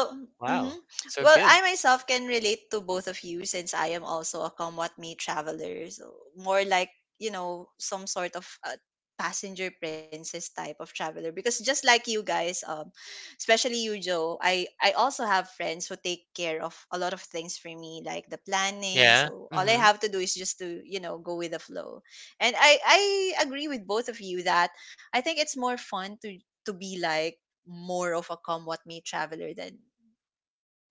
A: mhm.
B: Wow, so
A: Well,
B: good.
A: I myself can relate to both of you since I am also a come what may traveler. So more like, you know, some sort of passenger princess type of traveler. Because just like you guys, especially you, Joe, I also have friends who take care of a lot of things for me, like the planning.
B: Yeah,
A: So all I
B: mhm,
A: have to do is just to, you know, go with the flow. And I agree with both of you that I think it's more fun to be like more of a come what may traveler than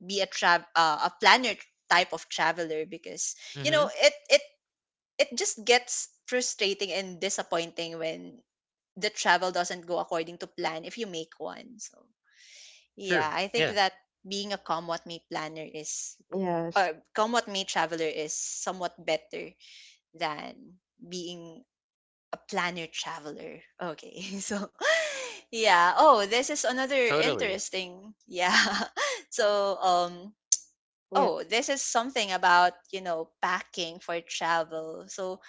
A: be a trav a planner type of traveler because you know
B: mhm,
A: it it just gets frustrating and disappointing when the travel doesn't go according to plan if you make one. So yeah,
B: true,
A: I think
B: yeah,
A: that being a come what may planner is,
C: Yes.
A: or come what may traveler is somewhat better than being a planner traveler. Okay. So yeah. Oh, this is another
B: totally.
A: interesting. Yeah. So
C: Yeah.
A: oh, this is something about, you know, packing for travel. So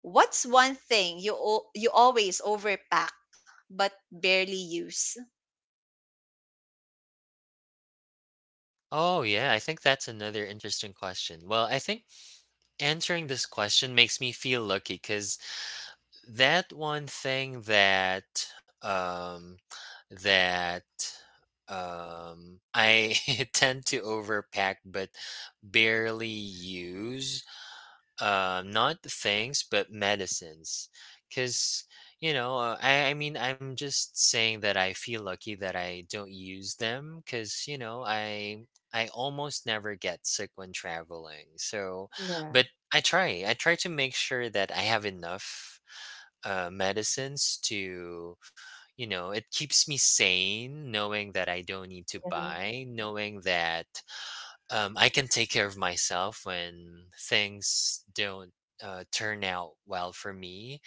A: what's one thing you you always overpack but barely use?
B: Oh, yeah, I think that's another interesting question. Well, I think answering this question makes me feel lucky because that one thing that, I tend to overpack but barely use not things but medicines because I mean I'm just saying that I feel lucky that I don't use them because I almost never get sick when traveling. So,
C: Yeah.
B: but I try to make sure that I have enough medicines. To you know It keeps me sane, knowing that I don't need to
C: Yeah.
B: buy, knowing that I can take care of myself when things don't turn out well for me.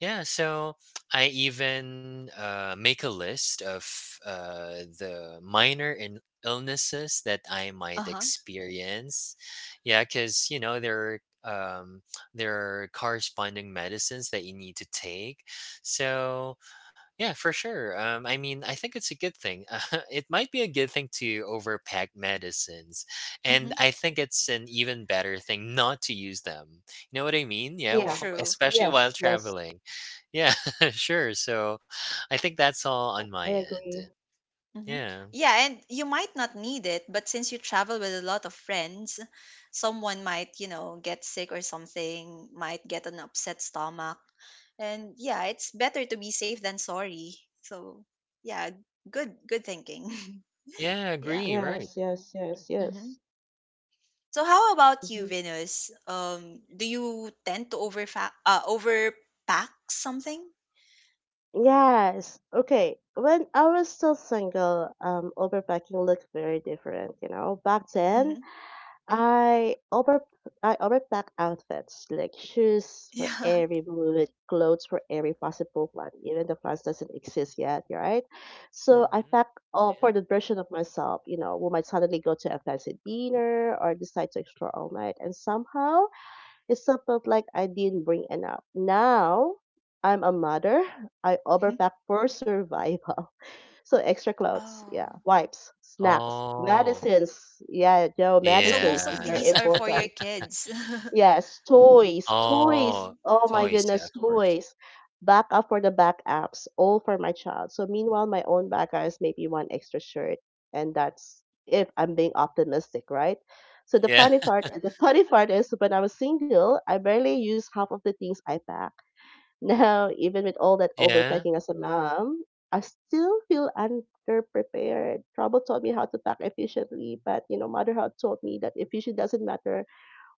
B: Yeah, so I even make a list of the minor illnesses that I might
A: Uh-huh.
B: experience. Yeah, because are um, there are corresponding medicines that you need to take. So yeah, for sure. I mean, I think it's a good thing. It might be a good thing to overpack medicines, and
A: Mhm.
B: I think it's an even better thing not to use them. You know what I mean? Yeah,
C: Yeah.
A: True.
B: especially while
C: Yes. Yes.
B: traveling. Yeah, sure. So, I think that's all on my
C: I
B: end.
C: agree.
A: Mhm.
B: Yeah.
A: Yeah, and you might not need it, but since you travel with a lot of friends, someone might, you know, get sick or something, might get an upset stomach. And yeah, it's better to be safe than sorry. So, yeah, good thinking.
B: Yeah,
A: yeah.
B: agree. Right.
C: Yes. Yes. Yes.
A: Hmm.
C: Yes.
A: So how about you,
C: Hmm.
A: Venus? Do you tend to overpack something?
C: Yes. Okay. When I was still single, overpacking looked very different. You know, back then
A: Hmm.
C: I over I overpack outfits like shoes for
A: Yeah.
C: every mood, clothes for every possible one, even the plans doesn't exist yet, right? So I
B: Hmm.
C: pack all
B: Yeah.
C: for the version of myself, you know, who might suddenly go to a fancy dinner or decide to explore all night, and somehow it still felt like I didn't bring enough. Now I'm a mother. I
A: Hmm.
C: overpack for survival. So extra clothes, yeah,
A: Oh,
C: wipes, snacks,
B: Oh,
C: medicines. Yeah, Joe,
A: so most
C: medicines is
A: of
B: yeah.
C: very
A: these are for your
C: important.
A: kids.
C: Yes, toys, toys.
B: Oh,
C: Oh
A: Mm-hmm.
C: my
B: toys. Yeah,
C: goodness,
B: of course.
C: toys. Backup for the backups, all for my child. So meanwhile, my own backup is maybe one extra shirt, and that's if I'm being optimistic, right? So the
B: Yeah.
C: funny part, the funny part is when I was single, I barely used half of the things I pack. Now, even with all that
B: Yeah.
C: overthinking as a mom, I still feel underprepared. Trouble taught me how to pack efficiently, but motherhood taught me that efficient doesn't matter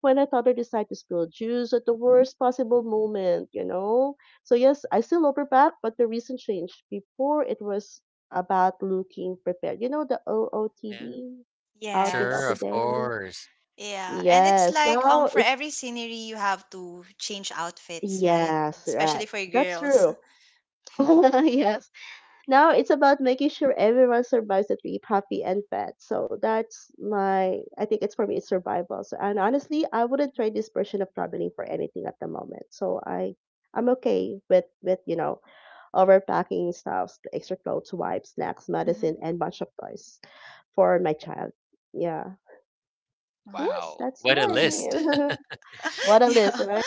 C: when a toddler decides to spill juice at the worst possible moment, you know? So yes, I still overpack, but the reason changed. Before it was about looking prepared. You know the
B: Yeah.
C: OOTD, outfit of
B: Sure,
A: Yes.
C: the
B: of
C: day?
B: course.
A: Yeah. And it's
C: Yes.
A: like
C: Now
A: for every
C: it's
A: scenery you have to change outfits, right?
C: yes, right.
A: Especially for
C: That's
A: girls.
C: true. Yes. Now it's about making sure everyone survives the trip happy and fed. So that's my, I think it's for me, it's survival. So, and honestly, I wouldn't trade this version of traveling for anything at the moment. So I'm okay with overpacking stuffs, extra clothes, wipes, snacks, medicine,
A: Mm-hmm.
C: and bunch of toys for my child. Yeah.
A: Oh.
C: Yes,
B: Wow,
C: that's
B: what a list.
C: mine. What a list,
A: yeah.
C: right?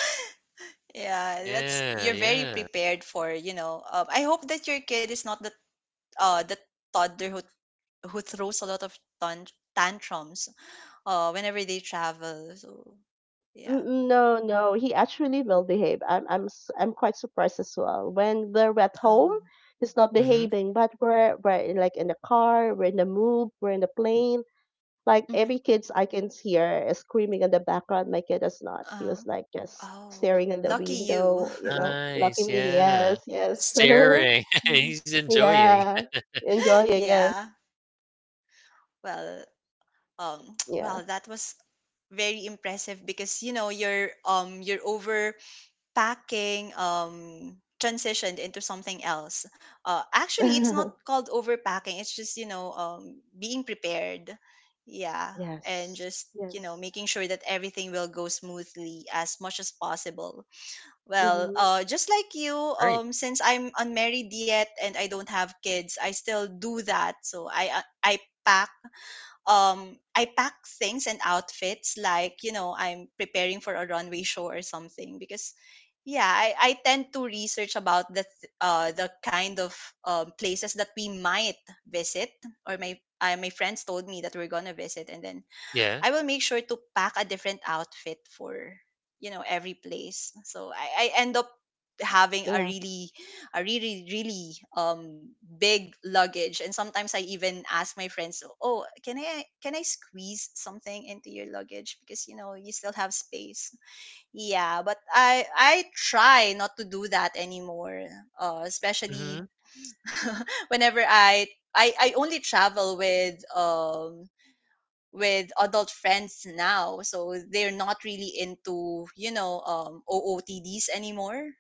A: Yeah, that's,
B: Yeah,
A: you're very
B: yeah.
A: prepared for, you know. Um, I hope that your kid is not the uh, the toddler who throws a lot of tantrums whenever they travel. So yeah.
C: No, he actually will behave. I'm quite surprised as well. When we're at home,
A: Oh.
C: he's not
B: Mhm.
C: behaving, but like in the car, we're in the move, we're in the plane. Like
A: Hmm.
C: every kids I can hear is screaming in the background. My kid is not. He
A: Uh,
C: was like just
A: oh,
C: staring in the
A: lucky you.
C: window, you know. Lucky
B: Nice,
C: me,
B: yeah.
C: yes, yes,
B: Staring,
A: Mhm.
B: he's enjoying.
C: yeah, enjoying it,
A: Yeah. Well, um,
C: yeah,
A: well, that was very impressive because you know you're over packing transitioned into something else, uh, actually it's not called overpacking, it's just, you know, being prepared, yeah, and
C: yes,
A: just, you know,
C: yes,
A: making sure that everything will go smoothly as much as possible. Well
C: mm-hmm.
A: uh, just like you,
B: Right.
A: um, since I'm unmarried yet and I don't have kids, I still do that. So I pack I pack things and outfits like, you know, I'm preparing for a runway show or something because yeah, I tend to research about uh, the kind of places that we might visit, or my my friends told me that we're gonna visit, and then
B: Yeah.
A: I will make sure to pack a different outfit for, you know, every place. So I end up having
C: Yeah,
A: a really, really big luggage, and sometimes I even ask my friends, oh, can I squeeze something into your luggage because you know you still have space. Yeah, but I try not to do that anymore, uh,
B: Mhm.
A: especially whenever I only travel with adult friends now, so they're not really into, you know, um, ootds anymore.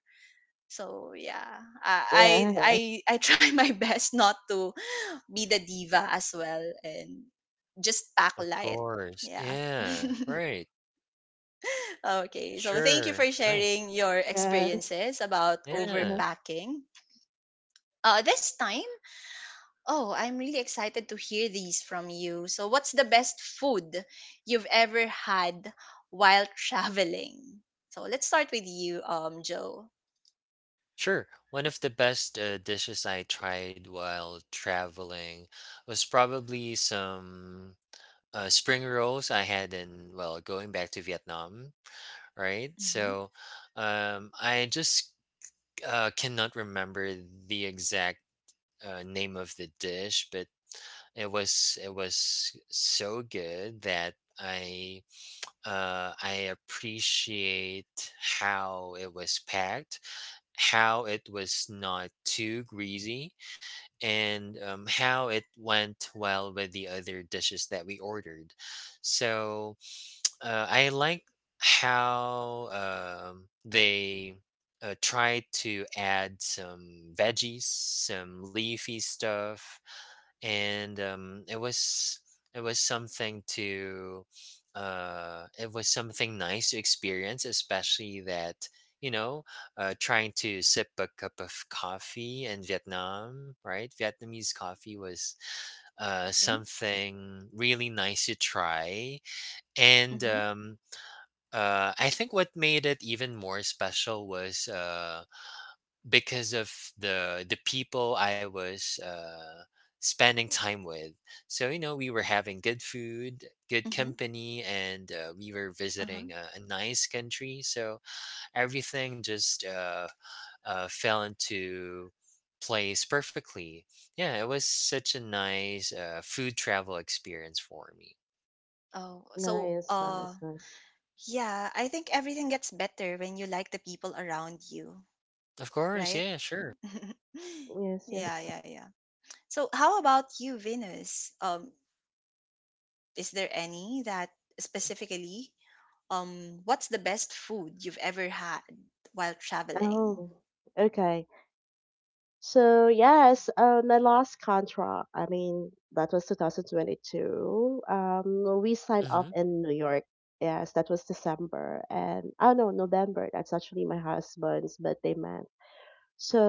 A: So yeah, i
C: yeah,
A: i i, I try my best not to be the diva as well and just pack
B: Of
A: light.
B: course.
A: Yeah.
B: Yeah, right.
A: Okay, so thank you
B: Sure.
A: for
B: Nice.
A: sharing your
C: yes.
A: experiences about
C: Uh-huh.
B: Yeah.
A: overpacking. Uh, this time, oh, I'm really excited to hear these from you. So, what's the best food you've ever had while traveling? So, let's start with you, Joe.
B: Sure. One of the best, dishes I tried while traveling was probably some, spring rolls I had in well, going back to Vietnam, right?
A: Mm-hmm.
B: So, I just cannot remember the exact name of the dish, but it was so good that I appreciate how it was packed, how it was not too greasy, and how it went well with the other dishes that we ordered. So I like how they try to add some veggies, some leafy stuff, and it was something to it was something nice to experience, especially that you know trying to sip a cup of coffee in Vietnam, right? Vietnamese coffee was
A: Mm-hmm.
B: something really nice to try, and
A: Mm-hmm.
B: I think what made it even more special was because of the people I was spending time with. So you know, we were having good food, good
A: Mm-hmm.
B: company, and we were
A: Uh-huh.
B: visiting a nice country. So everything just fell into place perfectly. Yeah, it was such a nice food travel experience for me.
A: Oh, so
C: Nice, nice, nice.
A: yeah, I think everything gets better when you like the people around you,
B: Of course,
A: right?
B: yeah, sure.
C: Yes,
A: yeah,
C: yes.
A: yeah, yeah. So, how about you, Venus? Is there any that specifically, what's the best food you've ever had while traveling?
C: Oh, okay. So yes, my last contract. I mean, that was 2022. We signed off
B: Mm-hmm.
C: in New York. Yes, that was December, and oh no, November. That's actually my husband's birthday month.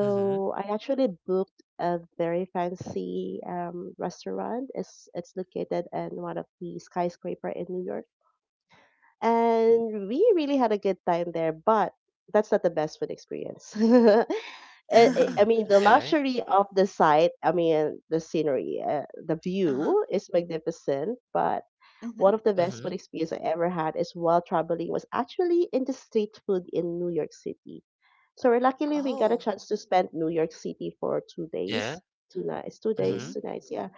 B: Mm-hmm.
C: I actually booked a very fancy restaurant. It's located in one of the skyscraper in New York and we really had a good time there, but that's not the best food experience. I I-
A: uh-huh.
B: Mm,
C: I mean, the
B: okay.
C: luxury of the site, I mean, the scenery, the view is magnificent, but one
A: Mm-hmm.
C: of the best
B: Mhm.
C: food experience I ever had is while traveling was actually in the street food in New York City. So we're luckily we got a
A: Oh.
C: chance to spend New York City for 2 days,
B: Yeah.
C: 2 nights, two
A: Mm-hmm.
B: Mhm.
C: days, two nights, yeah.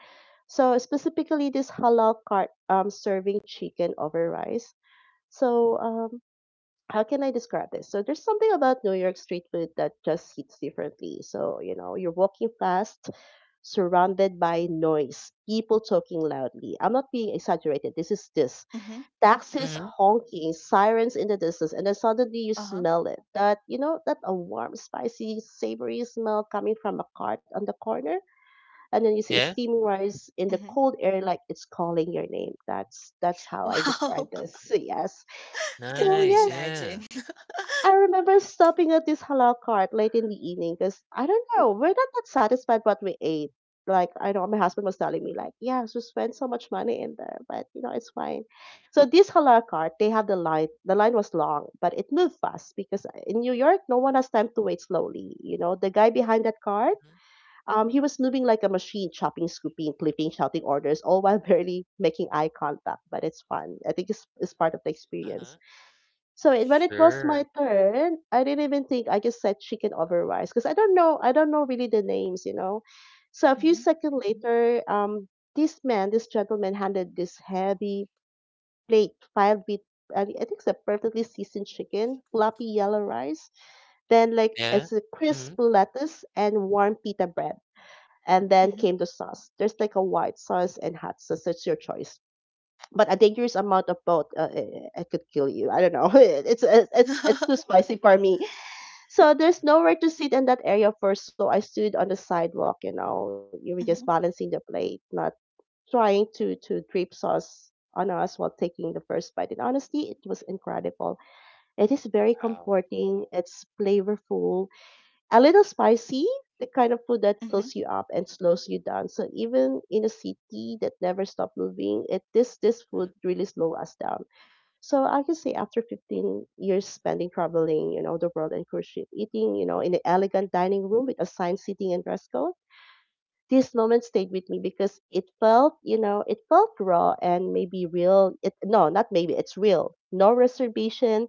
C: So specifically this halal cart serving chicken over rice. So how can I describe this? So there's something about New York street food that just hits differently. So, you know, you're walking fast, surrounded by noise, people talking loudly. I'm not being exaggerated. This is this.
A: Mm-hmm.
C: Taxis
B: Mhm.
C: honking, sirens in the distance, and then suddenly you
A: Uh-huh.
C: smell it. That, you know, that a warm, spicy, savory smell coming from a cart on the corner. And then you see
B: Yeah.
C: steaming rice in the
A: Mm-hmm.
C: cold air like it's calling your name. That's how I describe
A: Wow.
C: this. Yes.
A: I can
C: So
A: only
B: Nice.
C: yes,
B: Yeah.
A: imagine.
C: I remember stopping at this halal cart late in the evening because I don't know, we're not that satisfied what we ate. Like I know my husband was telling me, like, yeah, so spent so much money in there, but you know, it's fine. So this halal cart, they have the line. The line was long, but it moved fast because in New York, no one has time to wait slowly. You know, the guy behind that cart,
B: Mhm.
C: he was moving like a machine, chopping, scooping, flipping, shouting orders, all while barely making eye contact. But it's fun. I think it's part of the experience.
B: Uh-huh.
C: When it was my
B: Sure.
C: turn, I didn't even think. I just said chicken over rice because I don't know. I don't know really the names, you know. So a few
A: Mhm.
C: seconds later, this man, this gentleman, handed this heavy plate filled with, I think it's a perfectly seasoned chicken, floppy yellow rice, then like
B: Yeah.
C: as a
B: Mhm.
C: crisp lettuce and warm pita bread, and then
A: Mhm.
C: came the sauce. There's like a white sauce and hot sauce. It's your choice, but a dangerous amount of both. It could kill you, I don't know. It's too spicy for me. So there's nowhere to sit in that area first, so I stood on the sidewalk. You know, you were just
A: Mhm.
C: balancing the plate, not trying to drip sauce on us while taking the first bite, and honestly it was incredible. It is very
B: Wow.
C: comforting, it's flavorful, a little spicy, the kind of food that
A: Mhm. Mhm.
C: fills you up and slows you down. So even in a city that never stops moving, it this this
B: Mhm.
C: food really slows us down. So I can say after 15 years spending traveling, you know, the world and cruise ship, eating, you know, in an elegant dining room with assigned seating and dress code, this moment stayed with me because it felt, you know, it felt raw and maybe real. It, no, not maybe, it's real. No reservation,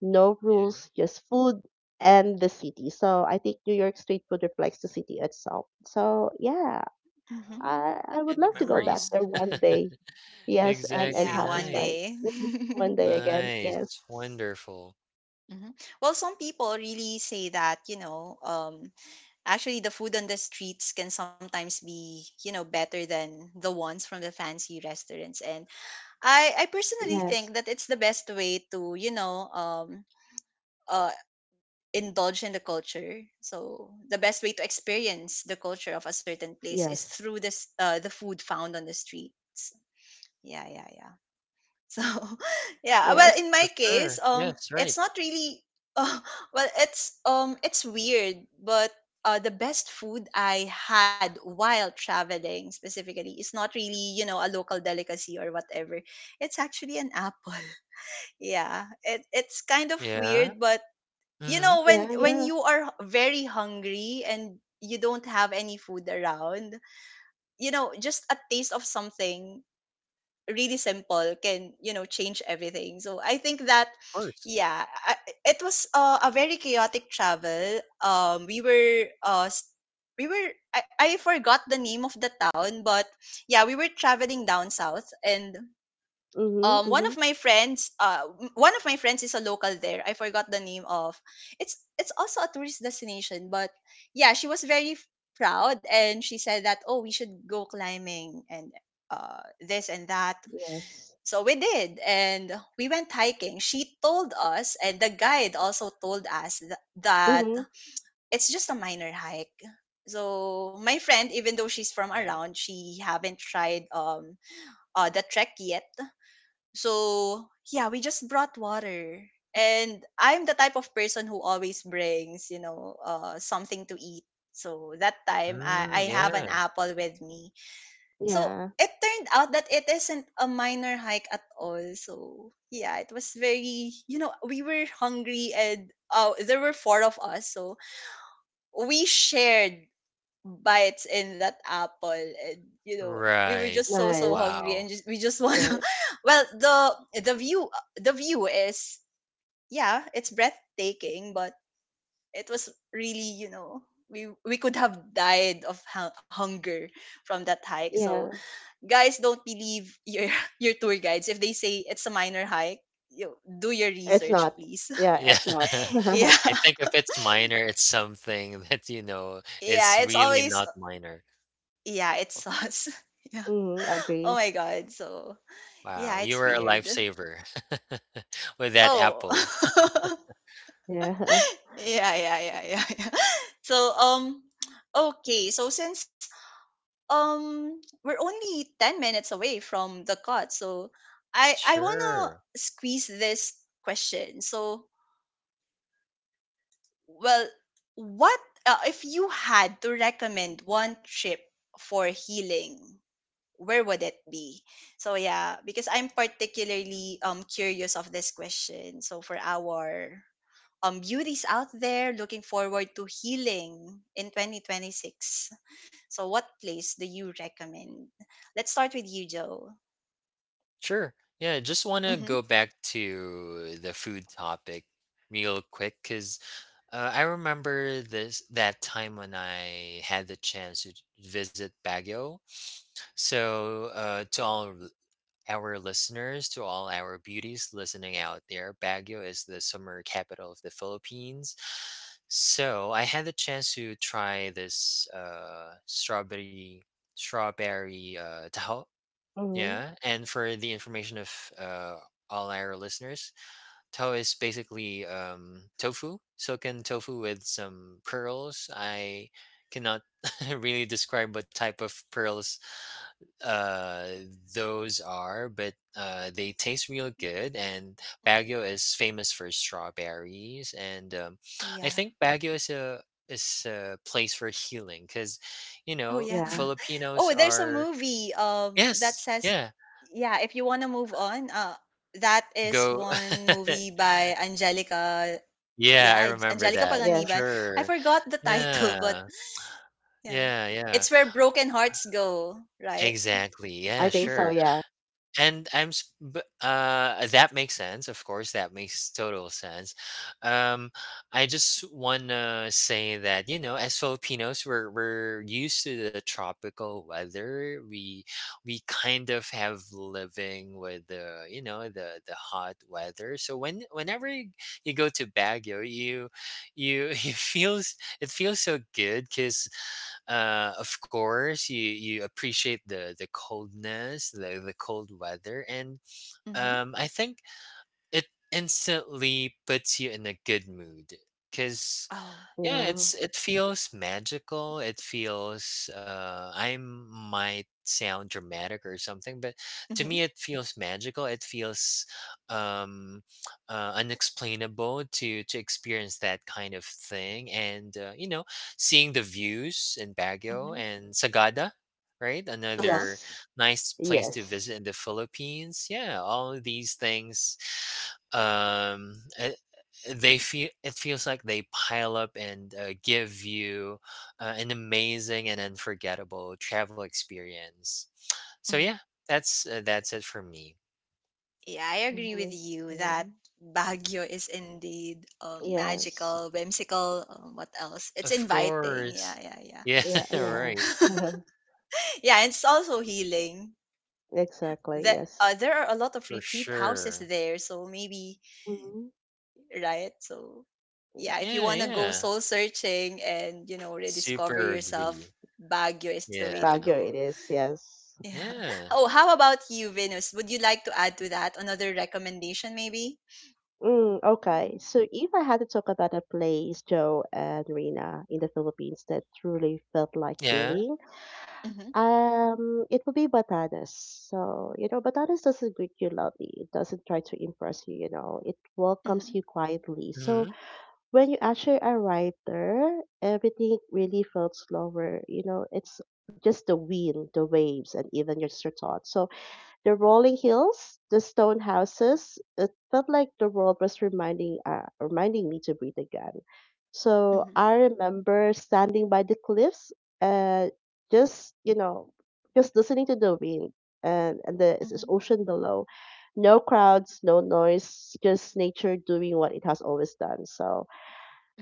C: no
B: Yeah.
C: rules, just food and the city. So I think New York street food reflects the city itself. So yeah,
B: Wow.
C: I
B: And
C: would
B: the
C: love to go
A: Oh,
C: back
B: memories.
C: there one day. Yes, and
B: Exactly.
A: yeah,
C: have
A: one
C: this
B: Nice.
C: vibe
A: day.
C: Mhm. one day again. Yes.
B: Nice. Wonderful.
A: Mhm. Well, some people really say that, you know, actually the food on the streets can sometimes be, you know, better than the ones from the fancy restaurants. And I personally
C: Yes.
A: think that it's the best way to, you know, uh, indulge in the culture. So the best way to experience the culture of a certain place is
C: Yes.
A: through this the food found on the streets. Yeah, yeah, yeah. So yeah, well, in
C: Yes.
B: For
A: my case,
B: sure. Yes. Right.
A: it's not really. Uh, well, it's weird, but the best food I had while traveling specifically is not really, you know, a local delicacy or whatever. It's actually an apple. Yeah, it, it's kind of
B: Yeah.
A: weird, but you
B: Mhm.
A: know when
C: Yeah. Yeah.
A: you are very hungry and you don't have any food around, you know, just a taste of something really simple can, you know, change everything. So I think that
B: Of course.
A: yeah, I, it was a very chaotic travel, um, we were I forgot the name of the town, but yeah, we were traveling down south, and
C: Mhm.
A: one of
C: Mhm.
A: my friends one of my friends is a local there. I forgot the name of, it's also a tourist destination, but yeah, she was very proud, and she said that oh, we should go climbing and uh, this and that.
C: Yes.
A: So we did, and we went hiking, she told us, and the guide also told us that
C: Mhm.
A: it's just a minor hike. So my friend, even though she's from
B: Yeah.
A: around, she haven't tried um, the trek yet. So, yeah, we just brought water. And I'm the type of person who always brings, you know, something to eat. So that time, I
B: Mm,
A: have an
B: yeah.
A: apple with me. So
C: Yeah.
A: it turned out that it isn't a minor hike at all. So yeah, it was very, you know, we were hungry, and there were four of us. So we shared bites in that apple, and you know we were
B: Right.
A: just so
C: Nice.
A: hungry
B: Wow.
A: and just we just want to
C: Nice.
A: well the the view the view is yeah, it's breathtaking, but it was really, we could have died of hunger from that hike. So
C: Yeah.
A: guys, don't believe your your tour guides if they say it's a minor hike. You do your
C: It's
A: research,
C: not.
A: please.
C: Yeah.
B: Yeah.
C: It's not.
A: Yeah.
B: I think if it's minor, it's something that, you know, is
A: Yeah, it's
B: really
A: always,
B: not minor.
A: yeah, it's us. Yeah.
C: Mhm.
A: Oh
C: Agree.
A: my god. So
B: Wow,
A: yeah,
B: you
A: it's
B: were a
A: weird.
B: lifesaver with that apple.
A: Oh.
C: Yeah.
A: Yeah, yeah, yeah, yeah, yeah. So, um, okay. So since um we're only 10 minutes away from the cut, so I want
B: Sure.
A: to squeeze this question. So, well, what if you had to recommend one trip for healing, where would it be? So yeah, because I'm particularly curious of this question. So for our beauties out there looking forward to healing in 2026, so what place do you recommend? Let's start with you, Joe.
B: Sure. Yeah, I just want to
A: Mm-hmm.
B: go back to the food topic real quick because I remember this that time when I had the chance to visit Baguio. So, to all our listeners, to all our beauties listening out there, Baguio is the summer capital of the Philippines. So I had the chance to try this uh, strawberry taho.
C: Mhm.
B: Yeah, and for the information of all our listeners, taho is basically tofu, silken tofu with some pearls. I cannot really describe what type of pearls uh those are, but uh, they taste real good,
A: Mm-hmm.
B: and Baguio is famous for strawberries, and I
A: Yeah.
B: think Baguio is a place for healing because you
A: Oh,
B: know
A: yeah.
C: Yeah.
B: Filipinos
A: Oh, there's a
B: are
A: movie that
B: yes
A: says,
B: yeah
A: yeah, if you want to move on, that is
B: go
A: one movie by Angelica.
B: yeah
A: Yeah,
B: I remember
A: Angelica
B: that
A: Paganiban.
C: Yes.
A: I
B: sure
A: forgot the title,
B: yeah
A: but yeah.
B: yeah yeah
A: It's where broken hearts go, right?
B: exactly yeah
C: I think so.
B: sure.
C: Yeah.
B: And I'm s b that makes sense, of course, that makes total sense. Um, I just wanna say that, you know, as Filipinos, we're used to the tropical weather. We kind of have living with the, you know, the hot weather. So whenever you, you go to Baguio, you it feels so good because of course you you appreciate the coldness, the cold weather, and
A: Mhm.
B: I think it instantly puts you in a good mood, cuz
A: Oh.
B: yeah
C: Yeah.
B: it's it feels magical, it feels I might sound dramatic or something, but to me
A: Mhm.
B: it feels magical, it feels um unexplainable to experience that kind of thing, and you know, seeing the views in
A: Mhm.
B: Baguio and Sagada, right?
A: Uh-huh.
B: Another
C: Yes.
B: nice place to
C: Yes.
B: visit in the Philippines. Yeah, all these things, um they feel it feels like they pile up and give you an amazing and unforgettable travel experience. So
A: Mhm.
B: yeah, that's it for me.
A: Yeah, I agree with
C: Mhm.
A: you
C: Yeah.
A: that Baguio is indeed
C: Yes.
A: magical, whimsical. What else? It's
B: Of
A: inviting. Yeah,
B: course.
A: yeah, yeah.
B: Yeah,
C: Yeah. Yeah.
B: right.
A: Yeah, it's also healing.
C: Exactly.
A: That
C: Yes.
A: there are a lot of
B: For
A: retreat houses
B: sure.
A: there, so maybe,
C: Mhm.
A: right? So
C: Yeah.
A: yeah, if you
B: Yeah,
A: want to go
B: yeah.
A: soul searching and, you know, rediscover
B: Super agree.
A: yourself, Baguio is the way to
B: Yeah.
C: Baguio.
A: go.
C: It is. Yes.
A: Yeah.
B: Yeah.
A: Oh, how about you, Venus? Would you like to add to that another recommendation, maybe?
C: Mm, okay. So if I had to talk about a place, Joe and Rina, in the Philippines that truly felt like
B: Yeah.
C: healing,
A: Mm-hmm,
C: it would be Batanes. So, you know, Batanes doesn't greet you loudly. It doesn't try to impress you, you know. It welcomes
A: mm-hmm,
C: you quietly. So
B: Hmm.
C: when you actually arrived there, everything really felt slower. You know, it's just the wind, the waves, and even just your thoughts. So the rolling hills, the stone houses, it felt like the world was reminding me to breathe again. So
A: mm-hmm,
C: I remember standing by the cliffs and just, you know, just listening to the wind and the it's
A: mm-hmm,
C: ocean below. No crowds, no noise, just nature doing what it has always done. So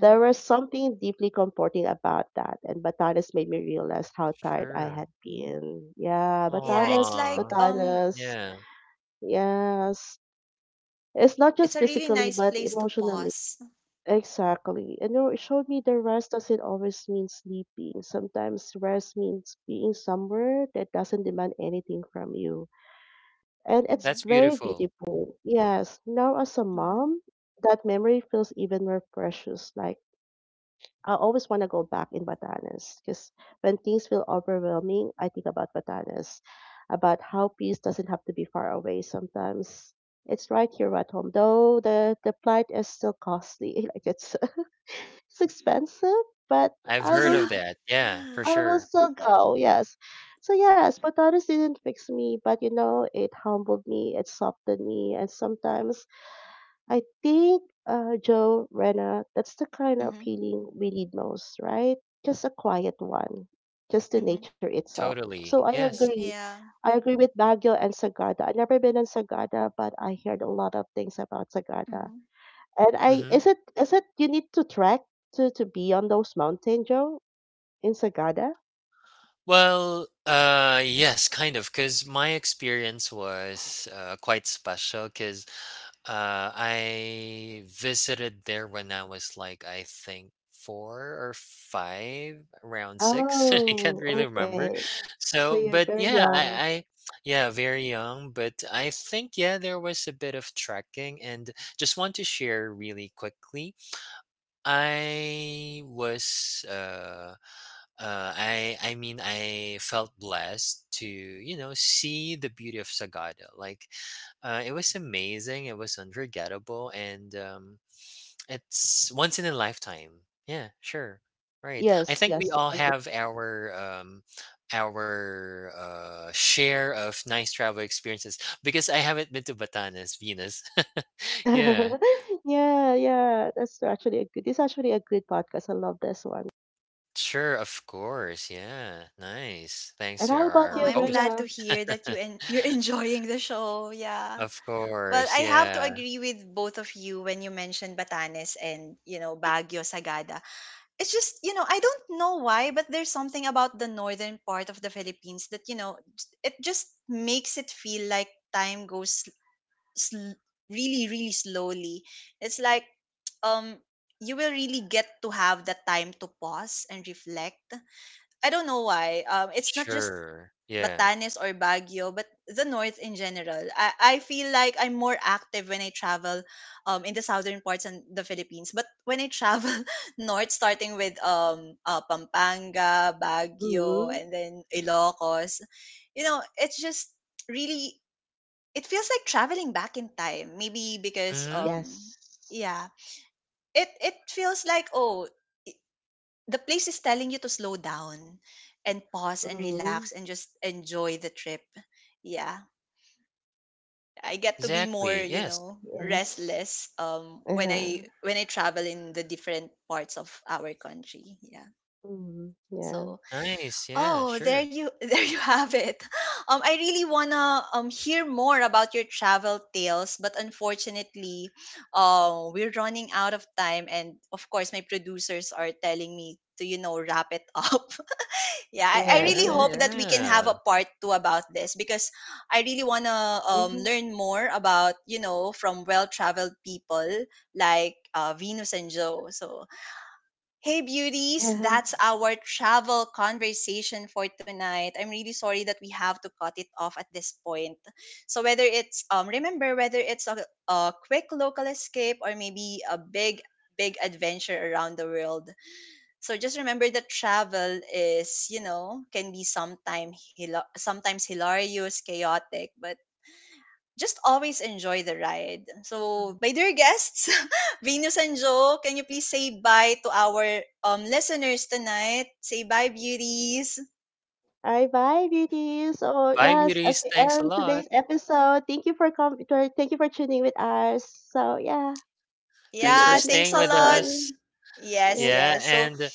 C: there was something deeply comforting about that. And Batanes made me realize how tired I
B: Sure.
C: had been. Yeah,
A: Yeah, it's
C: Batanes,
B: Aw.
A: like
C: Batanes.
B: Yeah.
C: Yes. It's not
A: it's
C: just
A: a really
C: physically,
A: nice
C: but
A: place to
C: emotionally.
A: pause.
C: Exactly. And you showed me the rest doesn't always mean sleeping. Sometimes rest means being somewhere that doesn't demand anything from you. And it's
A: Mm-hmm,
B: That's
C: very
B: beautiful.
C: beautiful. Yes. Now, as a
A: mm-hmm.
C: mom, that memory feels even more precious. Like, I always want to go back in Batanes because when things feel overwhelming, I think about Batanes, about how peace doesn't have to be far away sometimes. It's right here at home, though the flight is still costly. Like it's it's expensive, but
B: I've
C: I
B: heard of
C: will
A: Yeah.
B: that. Yeah, for
C: I will
B: sure.
C: still go. Yes, so yes, Batanes didn't fix me, but you know it humbled me, it softened me, and sometimes I think, Joe, Rena, that's the kind of
A: Mm-hmm,
C: healing we need most, right? Just a quiet one, just the
A: mm-hmm.
C: nature itself. So
B: Totally.
C: I
B: Yes.
C: agree.
A: Yeah.
C: I agree with Baguio and Sagada. I've never been in Sagada, but I heard a lot of things about Sagada.
A: Mm-hmm.
C: And I
B: Hmm.
C: is it you need to trek to be on those mountains, Joe? In Sagada?
B: Well, yes, kind of, because my experience was quite special. Because I visited there when I was like, I think four or five, around six. I
C: Oh,
B: can't really remember.
C: okay. So
B: So,
C: you're
B: but
C: very
B: yeah,
C: young.
B: yeah, very young. But I think, yeah, there was a bit of trekking, and just want to share really quickly. I was, uh, I mean, I felt blessed to, you know, see the beauty of Sagada. Like it was amazing. It was unforgettable, and it's once in a lifetime. Yeah, sure, right. I
C: Yes,
B: think we
C: yes,
B: all
C: agree.
B: have our share of nice travel experiences, because I haven't been to Batanes, Venus. Yeah,
C: Yeah, yeah. That's actually a good. This is actually a good podcast. I love this one.
B: sure, of course. Yeah, nice. Thanks
C: And
B: to
C: how about
A: Oh,
B: our
C: you,
A: I'm
B: host.
A: glad to
C: Rena?
A: hear that you're enjoying the show. Yeah.
B: Of
A: Well,
B: course,
A: I have to
B: yeah,
A: agree with both of you when you mentioned Batanes and, you know, Baguio, Sagada. It's just, you know, I don't know why, but there's something about the northern part of the Philippines that, you know, it just makes it feel like time goes sl- really, really slowly. It's like, um, you will really get to have the time to pause and reflect. I don't know why. It's not just
B: sure, yeah.
A: Batanes or Baguio, but the north in general. I feel like I'm more active when I travel in the southern parts and the Philippines. But when I travel north, starting with Pampanga, Baguio,
C: Mm-hmm.
A: and then Ilocos, you know, it's just really, it feels like traveling back in time. Maybe because,
B: Mhm,
C: Yes.
A: yeah, it feels like, oh, the place is telling you to slow down and pause and
C: Mm-hmm.
A: relax and just enjoy the trip. Yeah, I get to be more,
B: exactly,
A: you
B: yes.
A: know,
C: Yes.
A: restless when
C: Uh-huh.
A: I travel in the different parts of our country. Yeah.
C: Mhm. Yeah.
A: So,
B: Nice, yeah,
A: oh, there
B: sure.
A: you there you have it. I really want to hear more about your travel tales, but unfortunately, we're running out of time, and of course my producers are telling me to, you know, wrap it up. Yeah, I
C: Yes,
B: Yeah,
A: really
C: yes.
A: hope that we can have a
B: yeah.
A: part 2 about this, because I really wanna
C: Yeah.
A: learn more about, you know, from well traveled people like Venus and Joe. So hey beauties,
C: Yes.
A: that's our travel conversation for tonight. I'm really sorry that we have to cut it off at this point. So whether it's remember, whether it's a quick local escape or maybe a big, big adventure around the world, so just remember that travel is, you know, can be sometimes hilarious, chaotic, but just always enjoy the ride.
C: Mhm.
A: So my dear guests, Venus and Joe, can you please say bye to our listeners tonight? Say bye, beauties.
C: All right, bye, beauties. So
B: Bye,
C: yes, as
B: beauties,
C: we
B: thanks a
C: end
B: lot.
C: today's episode, thank you for tuning with us. So yeah, see
B: Thanks
C: you
B: for
A: Yeah,
C: again next
A: thanks
B: staying
A: a
B: with
A: lot.
C: time.
B: us.
A: Yes,
C: Yes,
B: Yeah,
A: yes. So,
B: and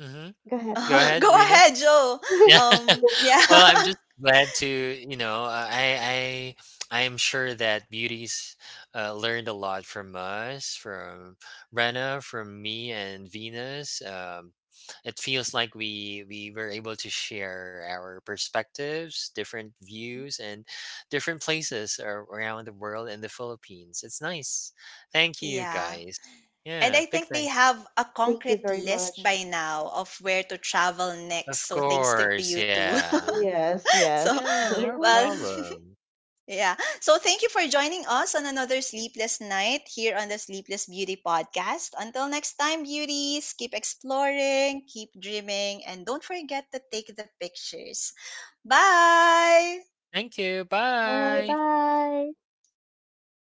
B: mhm,
C: go ahead.
B: go
C: Go.
B: ahead,
A: go
B: Rena.
A: ahead, Joe.
B: Yeah.
A: Um, yeah,
B: Well, I'm just glad to, you know, I am sure that beauties learned a lot from us, from Brenna, from me and Venus. It feels like we were able to share our perspectives, different views, and different places around the world in the Philippines. It's nice. Thank you
A: yeah.
B: guys.
A: And I
B: Yeah,
A: think
B: big
A: they
B: thanks.
A: have a
C: Thank you
A: concrete
C: very
A: list
C: much.
A: by now of where to travel next.
B: Of
A: So thanks to you
B: course,
A: too.
B: yeah.
C: Yes,
A: So
B: Yeah,
C: yes.
B: no
A: well,
B: problem.
A: yeah. So thank you for joining us on another sleepless night here on the Sleepless Beauty podcast. Until next time, beauties, keep exploring, keep dreaming, and don't forget to take the pictures. Bye.
B: Thank you.
C: Bye,
B: Bye.
C: bye.